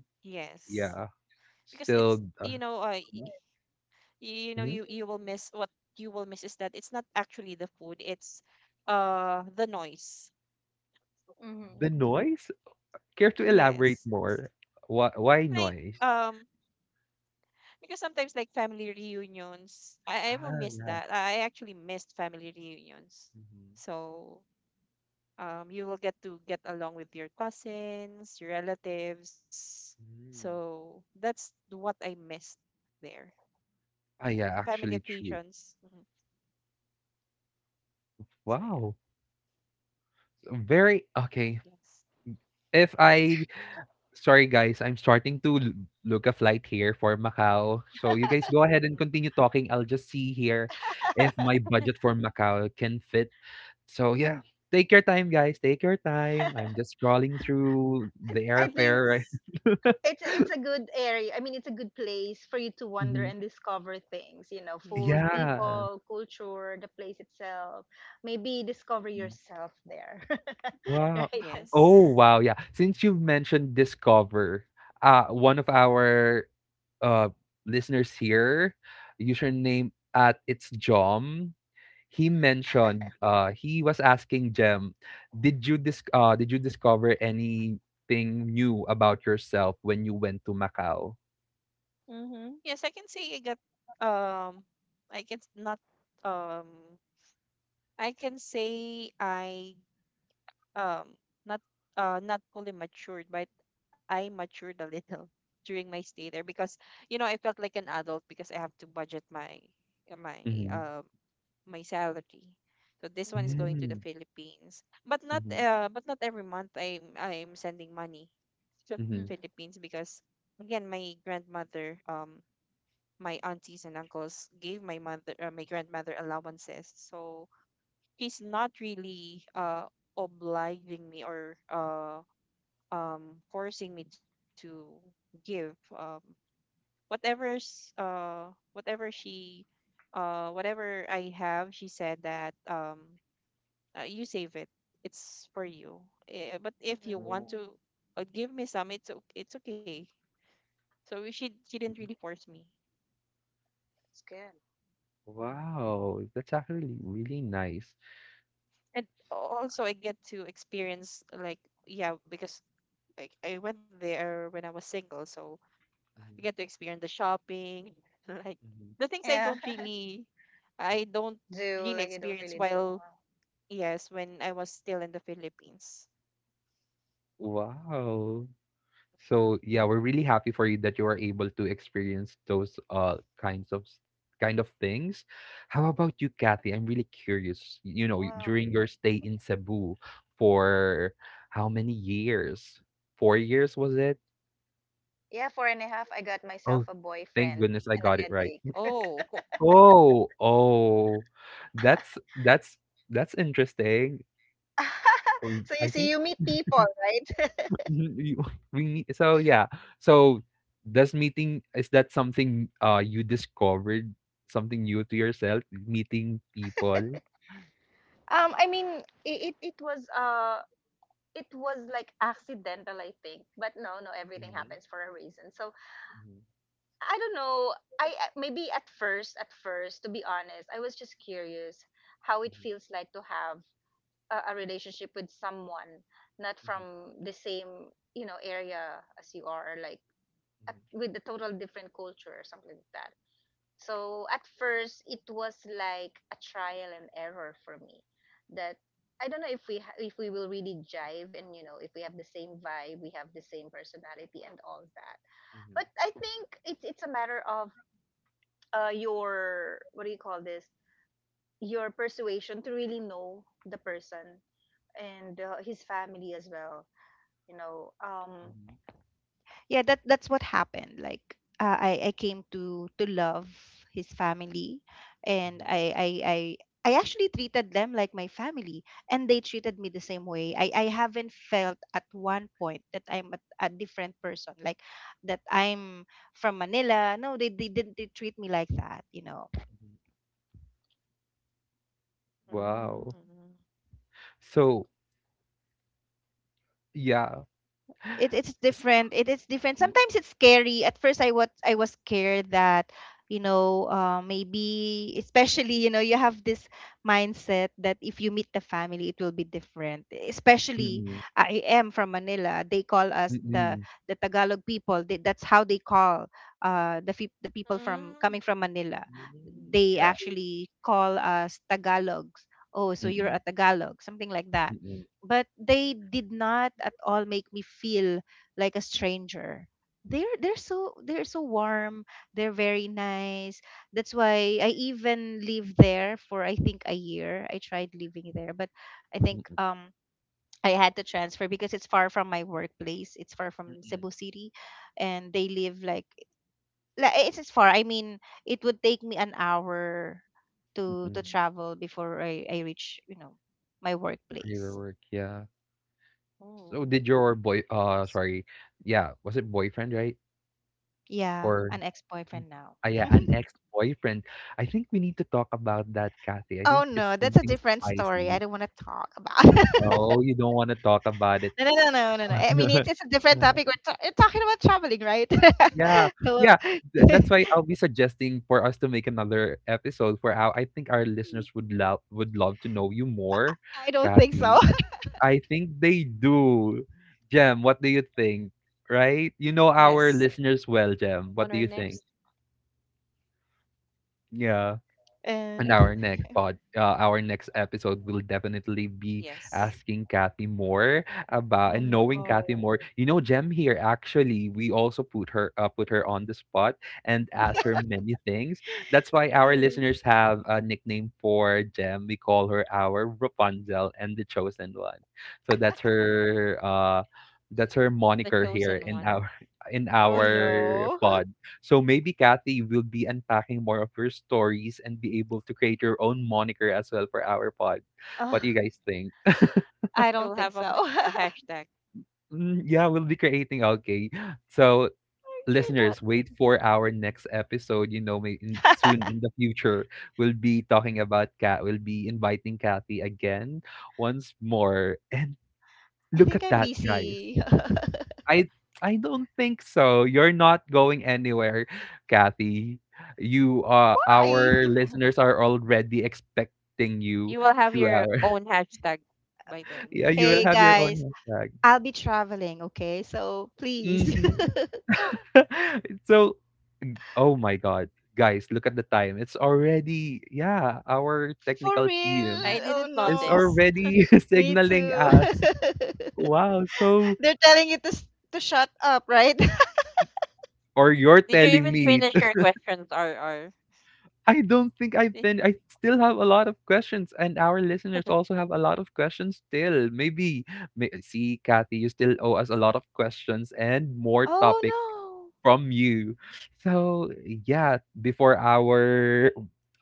[SPEAKER 3] Yes.
[SPEAKER 1] Yeah.
[SPEAKER 3] Because it's,
[SPEAKER 1] Still, mhm.
[SPEAKER 3] you will miss, what you will miss is that it's not actually the food, it's the noise.
[SPEAKER 2] right? Hmm.
[SPEAKER 1] The noise? Care to elaborate
[SPEAKER 3] Yes,
[SPEAKER 1] more? Why
[SPEAKER 3] like,
[SPEAKER 1] noise?
[SPEAKER 3] um because sometimes, like family reunions, I will
[SPEAKER 1] Ah,
[SPEAKER 3] miss
[SPEAKER 1] yeah.
[SPEAKER 3] that, I actually missed family reunions,
[SPEAKER 1] Mhm.
[SPEAKER 3] so you will get to get along with your cousins, your relatives,
[SPEAKER 1] Mm.
[SPEAKER 3] so that's what I missed there.
[SPEAKER 1] Ah,
[SPEAKER 3] Yeah,
[SPEAKER 1] yeah,
[SPEAKER 3] family
[SPEAKER 1] actually true.
[SPEAKER 3] occasions. Mhm. So yeah.
[SPEAKER 1] Wow. So very okay.
[SPEAKER 3] Yes.
[SPEAKER 1] If I Sorry guys, I'm starting to l- look a flight here for Macau. So you guys go ahead
[SPEAKER 3] Mhm.
[SPEAKER 1] and continue talking. I'll just see here if
[SPEAKER 2] [LAUGHS]
[SPEAKER 1] my budget for Macau can fit. So yeah, take your time guys. Take your time. I'm just scrolling through the
[SPEAKER 2] I think
[SPEAKER 1] airfare,
[SPEAKER 3] Yes.
[SPEAKER 1] right? [LAUGHS]
[SPEAKER 2] it's a, it's a good area. I mean, it's a good place for you to wander
[SPEAKER 1] Mhm.
[SPEAKER 2] and discover things. You know,
[SPEAKER 3] Yeah.
[SPEAKER 2] food,
[SPEAKER 1] Yeah.
[SPEAKER 2] people, culture, the place itself. Maybe discover
[SPEAKER 1] Mm-hmm.
[SPEAKER 2] yourself there, [LAUGHS]
[SPEAKER 1] Wow.
[SPEAKER 2] right?
[SPEAKER 1] Oh,
[SPEAKER 3] Yes.
[SPEAKER 1] wow, yeah. Since you've mentioned discover, one of our uh, listeners here, username at it's Jom, he mentioned he was asking Jem, did you discover anything new about yourself when you went to Macau?
[SPEAKER 2] Mm-hmm.
[SPEAKER 3] Yes, I can say I got, um I can s- not um I can say I um not not fully matured, but I matured a little [LAUGHS] during my stay there, because, I felt like an adult because I have to budget uh, my
[SPEAKER 1] Mm-hmm.
[SPEAKER 3] uh my salary. So this one is going to the
[SPEAKER 1] Mm-hmm.
[SPEAKER 3] Philippines. But not every month I'm, sending money to the
[SPEAKER 1] Mm-hmm.
[SPEAKER 2] hmm
[SPEAKER 3] Philippines, because again, my grandmother, my aunties and uncles gave my grandmother allowances. So she's not really obliging me, or forcing me to give, um whatever's uh whatever she whatever I have. She said that, you save it, it's for you. But if you want
[SPEAKER 1] Wow,
[SPEAKER 2] hmm
[SPEAKER 3] to, give me some, it's okay. So she didn't really
[SPEAKER 1] mhm.
[SPEAKER 3] force me.
[SPEAKER 2] It's good.
[SPEAKER 3] Mm-hmm.
[SPEAKER 1] Wow, that's actually really nice.
[SPEAKER 3] And also I get to experience like, yeah, because, like I went there when I was single, so you
[SPEAKER 1] Mhm,
[SPEAKER 3] get to experience the shopping, [LAUGHS] like
[SPEAKER 1] mhm.
[SPEAKER 3] the things
[SPEAKER 2] Yeah, [LAUGHS]
[SPEAKER 3] I don't
[SPEAKER 2] do
[SPEAKER 3] really
[SPEAKER 2] like you don't
[SPEAKER 3] experience
[SPEAKER 2] really do.
[SPEAKER 3] while,
[SPEAKER 2] Wow.
[SPEAKER 3] yes, when I was still in the Philippines.
[SPEAKER 1] Wow. So yeah, we're really happy for you that you are able to experience those kind of things. How about you, Kathy? I'm really curious. You know,
[SPEAKER 2] Wow.
[SPEAKER 1] during your stay in Cebu for how many years? 4 years was it?
[SPEAKER 2] Yeah, four and a half. I got myself
[SPEAKER 1] Oh,
[SPEAKER 2] a
[SPEAKER 1] thank
[SPEAKER 2] boyfriend
[SPEAKER 1] goodness I
[SPEAKER 2] and
[SPEAKER 1] got
[SPEAKER 2] a
[SPEAKER 1] it right.
[SPEAKER 2] headache.
[SPEAKER 3] Oh, [LAUGHS]
[SPEAKER 1] Oh, oh, that's that's that's interesting.
[SPEAKER 2] [LAUGHS] So you
[SPEAKER 1] I
[SPEAKER 2] see,
[SPEAKER 1] think
[SPEAKER 2] you meet people, right?
[SPEAKER 1] mhm, you [LAUGHS] we nee so yeah. So, does meeting is that something, you discovered, something new to yourself, meeting people?
[SPEAKER 2] [LAUGHS] I mean, it was it was like accidental, I think. But no, no, everything
[SPEAKER 1] Mhm,
[SPEAKER 2] happens for a reason, so
[SPEAKER 1] mhm,
[SPEAKER 2] I don't know. Maybe at first, to be honest, I was just curious how it feels like to have a relationship with someone not
[SPEAKER 1] mhm, mhm,
[SPEAKER 2] from the same, you know, area as you are, or like at, with a total different culture or something like that. So at first, it was like a trial and error for me. That I don't know if if we will really jive, and you know, if we have the same vibe, we have the same personality and all that.
[SPEAKER 1] mhm, mhm, mhm,
[SPEAKER 2] But I think it's a matter of your, what do you call this? Your persuasion to really know the person and his family as well. You know, yeah, that that's what happened. Like I came to love his family, and
[SPEAKER 1] mhm,
[SPEAKER 2] I actually treated them like my family, and they treated me the same way. I haven't felt at one point that I'm a different person, like that I'm from Manila. No, they didn't, they treat me like that, you know.
[SPEAKER 1] mhm.
[SPEAKER 3] mm,
[SPEAKER 1] Wow. So, yeah.
[SPEAKER 2] It's
[SPEAKER 1] S
[SPEAKER 2] different, it is different.
[SPEAKER 1] mhm.
[SPEAKER 2] Sometimes it's scary. At first I was scared that, you know, maybe especially, you know, you have this mindset that if you meet the family it will be different, especially
[SPEAKER 1] Mm,
[SPEAKER 2] I am from Manila. They call us the
[SPEAKER 1] mm.
[SPEAKER 2] Tagalog people. They, that's how they call the people from
[SPEAKER 3] mm,
[SPEAKER 2] coming from Manila.
[SPEAKER 1] Mm.
[SPEAKER 2] They
[SPEAKER 1] Yeah.
[SPEAKER 2] actually call us Tagalogs. Oh, so
[SPEAKER 1] Mm,
[SPEAKER 2] you're a
[SPEAKER 1] mm,
[SPEAKER 2] Tagalog, something like that.
[SPEAKER 1] mm.
[SPEAKER 2] But they did not at all make me feel like a stranger. They're so warm, they're very nice. That's why I even lived there for, I think, a year. I tried living there, but I think
[SPEAKER 1] Mm.
[SPEAKER 2] I had to transfer because it's far from my workplace. It's far from
[SPEAKER 1] Mm.
[SPEAKER 2] Cebu City, and they live like, it's far. I mean, it would take me an hour to
[SPEAKER 1] Mm.
[SPEAKER 2] travel before I reach, you know, my
[SPEAKER 1] Your
[SPEAKER 2] workplace.
[SPEAKER 1] work, yeah.
[SPEAKER 3] oh,
[SPEAKER 1] So did your boy
[SPEAKER 3] s-
[SPEAKER 1] sorry, yeah, was it boyfriend, right?
[SPEAKER 2] Yeah,
[SPEAKER 1] Or
[SPEAKER 2] an ex-boyfriend now.
[SPEAKER 1] ah, yeah,
[SPEAKER 2] [LAUGHS]
[SPEAKER 1] an ex-boyfriend. I think we need to talk about that, Kathy. I
[SPEAKER 2] Oh
[SPEAKER 1] think it's
[SPEAKER 2] no, that's a
[SPEAKER 1] something
[SPEAKER 2] different story. I
[SPEAKER 1] spicy.
[SPEAKER 2] don't want to talk about. [LAUGHS]
[SPEAKER 1] Oh, you don't want to talk about it.
[SPEAKER 2] No, no, no, no, no, no. I mean,
[SPEAKER 1] [LAUGHS]
[SPEAKER 2] it's a different
[SPEAKER 1] Uh,
[SPEAKER 2] topic. We're, we're talking about traveling, right?
[SPEAKER 1] yeah,
[SPEAKER 2] [LAUGHS] Hello.
[SPEAKER 1] yeah. That's
[SPEAKER 2] [LAUGHS]
[SPEAKER 1] why I'll be suggesting for us to make another episode for our. I think our listeners would love to know you more,
[SPEAKER 2] I don't think
[SPEAKER 1] Kathy.
[SPEAKER 2] so.
[SPEAKER 1] I think they do. Jem, what do you think? Right? You know our
[SPEAKER 3] yes.
[SPEAKER 1] listeners well, Jem.
[SPEAKER 3] On
[SPEAKER 1] What
[SPEAKER 3] our
[SPEAKER 1] do you
[SPEAKER 3] next,
[SPEAKER 1] think? Yeah. And
[SPEAKER 2] [LAUGHS] And
[SPEAKER 1] our next pod, our next episode will definitely be
[SPEAKER 3] yes,
[SPEAKER 1] asking Kathy more about
[SPEAKER 2] oh
[SPEAKER 1] and
[SPEAKER 2] no.
[SPEAKER 1] knowing Kathy more. You know, Jem here actually, we also put her on the spot and asked her many things.
[SPEAKER 2] [LAUGHS]
[SPEAKER 1] That's why our
[SPEAKER 2] Mm.
[SPEAKER 1] listeners have a nickname for Jem. We call her our Rapunzel and the chosen one. So that's her
[SPEAKER 3] the
[SPEAKER 1] moniker here
[SPEAKER 3] chosen
[SPEAKER 1] in
[SPEAKER 3] one.
[SPEAKER 1] our [LAUGHS] in
[SPEAKER 2] Oh
[SPEAKER 1] our
[SPEAKER 2] no.
[SPEAKER 1] pod. So maybe Kathy you will be unpacking more of your stories and be able to create your own moniker as well for our pod.
[SPEAKER 2] [LAUGHS]
[SPEAKER 1] What do you
[SPEAKER 2] Ugh,
[SPEAKER 1] guys think?
[SPEAKER 2] I
[SPEAKER 3] You'll
[SPEAKER 2] don't think
[SPEAKER 3] have a,
[SPEAKER 2] so. [LAUGHS] I
[SPEAKER 3] hashtag.
[SPEAKER 1] Mm, yeah, we'll be creating. Okay. So
[SPEAKER 2] cannot.
[SPEAKER 1] listeners, wait for our next episode. You know, may in, soon in the
[SPEAKER 2] [LAUGHS]
[SPEAKER 1] future, we'll be talking about Kat. We'll be inviting Kathy again once more. And
[SPEAKER 2] I
[SPEAKER 1] look
[SPEAKER 2] think
[SPEAKER 1] at
[SPEAKER 2] I'm
[SPEAKER 1] that, guys.
[SPEAKER 2] busy. [LAUGHS]
[SPEAKER 1] I I don't think so. You're not going anywhere, Kathy. You
[SPEAKER 2] Hi.
[SPEAKER 3] [LAUGHS]
[SPEAKER 1] our listeners are already expecting you
[SPEAKER 3] You will have
[SPEAKER 1] to
[SPEAKER 3] your
[SPEAKER 1] our
[SPEAKER 3] own hashtag by
[SPEAKER 1] [LAUGHS]
[SPEAKER 3] then.
[SPEAKER 1] yeah, you will
[SPEAKER 2] Hey
[SPEAKER 1] have your
[SPEAKER 2] guys,
[SPEAKER 1] own hashtag.
[SPEAKER 2] I'll be traveling, okay? So please.
[SPEAKER 1] Hmm.
[SPEAKER 2] [LAUGHS]
[SPEAKER 1] [LAUGHS] So oh my god. Guys, look at the time. It's already yeah, our
[SPEAKER 2] For
[SPEAKER 1] technical
[SPEAKER 2] real?
[SPEAKER 3] I
[SPEAKER 1] team
[SPEAKER 2] Oh
[SPEAKER 3] didn't
[SPEAKER 1] is
[SPEAKER 2] no.
[SPEAKER 3] notice.
[SPEAKER 1] already [LAUGHS]
[SPEAKER 2] Me
[SPEAKER 1] signaling
[SPEAKER 2] too.
[SPEAKER 1] us. Wow, so
[SPEAKER 2] [LAUGHS] They're telling you to to shut up, right? [LAUGHS]
[SPEAKER 1] or you're
[SPEAKER 3] Did you
[SPEAKER 1] telling
[SPEAKER 3] even
[SPEAKER 1] me
[SPEAKER 3] finish your questions, RR?
[SPEAKER 1] I don't think I've
[SPEAKER 3] Eh,
[SPEAKER 1] been I still have a lot of questions, and our listeners also have a lot of questions still. Maybe may, see, Kathy, you still owe us a lot of questions and more
[SPEAKER 2] Oh
[SPEAKER 1] topic
[SPEAKER 2] no.
[SPEAKER 1] from you. So yeah, before our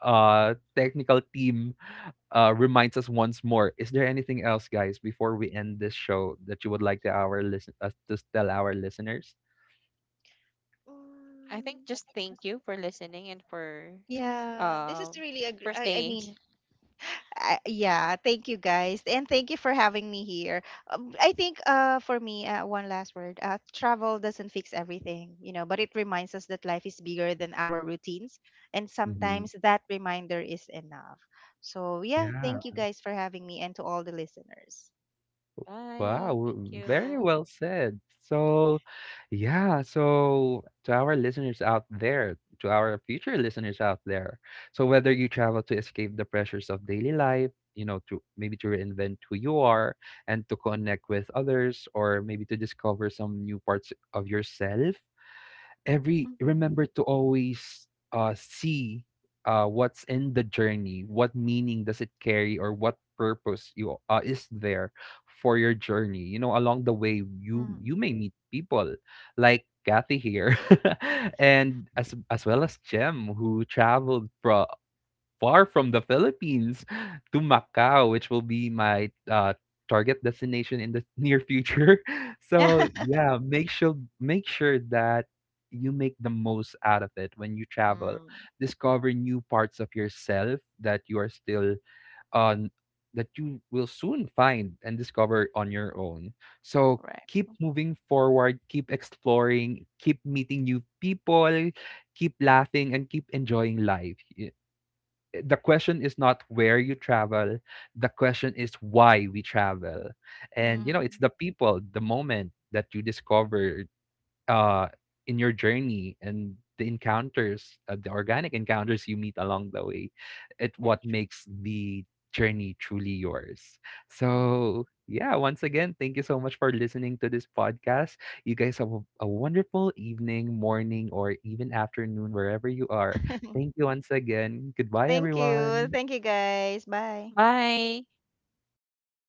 [SPEAKER 1] technical team reminds us once more, is there anything else, guys, before we end this show that you would like to our listen us to tell our listeners?
[SPEAKER 3] I think
[SPEAKER 2] Mm.
[SPEAKER 3] just thank you for listening and,
[SPEAKER 2] Yeah, this is
[SPEAKER 3] um
[SPEAKER 2] really a.
[SPEAKER 3] for
[SPEAKER 2] I
[SPEAKER 3] staying.
[SPEAKER 2] mean, I, yeah. Thank you guys, and thank you for having me here. I think for me, one last word. Travel doesn't fix everything, you know, but it reminds us that life is bigger than our routines, and
[SPEAKER 1] Mhm.
[SPEAKER 2] sometimes that reminder is enough. So yeah,
[SPEAKER 1] Yeah.
[SPEAKER 2] thank you guys for having me, and to all the listeners.
[SPEAKER 3] Bye.
[SPEAKER 1] Wow,
[SPEAKER 3] Thank
[SPEAKER 1] very
[SPEAKER 3] you.
[SPEAKER 1] well said. So, yeah, so to our listeners out there, to our future listeners out there, so whether you travel to escape the pressures of daily life, you know, to maybe to reinvent who you are and to connect with others, or maybe to discover some new parts of yourself, every remember
[SPEAKER 2] Mhm.
[SPEAKER 1] to always see what's in the journey what meaning does it carry or what purpose you is there for your journey you know along the way you
[SPEAKER 2] Mm.
[SPEAKER 1] may meet people like Kathy here [LAUGHS] and as well as Jem who traveled from far from the Philippines to Macau, which will be my target destination in the near future. [LAUGHS] So
[SPEAKER 2] [LAUGHS]
[SPEAKER 1] yeah, make sure that you make the most out of it when you travel.
[SPEAKER 2] Mm.
[SPEAKER 1] Discover new parts of yourself that you are still on that you will soon find and discover on your own. So
[SPEAKER 2] Right.
[SPEAKER 1] keep moving forward, keep exploring, keep meeting new people, keep laughing and keep enjoying life. Y- eh, the question is not where you travel the question is why we travel and you know it's
[SPEAKER 2] Mhm.
[SPEAKER 1] the people the moment that you discover uh in your journey and the encounters the organic encounters you meet along the way it
[SPEAKER 2] Actually.
[SPEAKER 1] what
[SPEAKER 2] True.
[SPEAKER 1] makes the journey truly yours
[SPEAKER 2] Mhm.
[SPEAKER 1] so yeah once again thank you so much for listening to this podcast you guys have a wonderful evening morning or even afternoon wherever you are thank
[SPEAKER 2] [LAUGHS]
[SPEAKER 1] you once again goodbye
[SPEAKER 2] Thank you.
[SPEAKER 1] everyone
[SPEAKER 2] Thank you, guys. Bye.
[SPEAKER 3] Bye.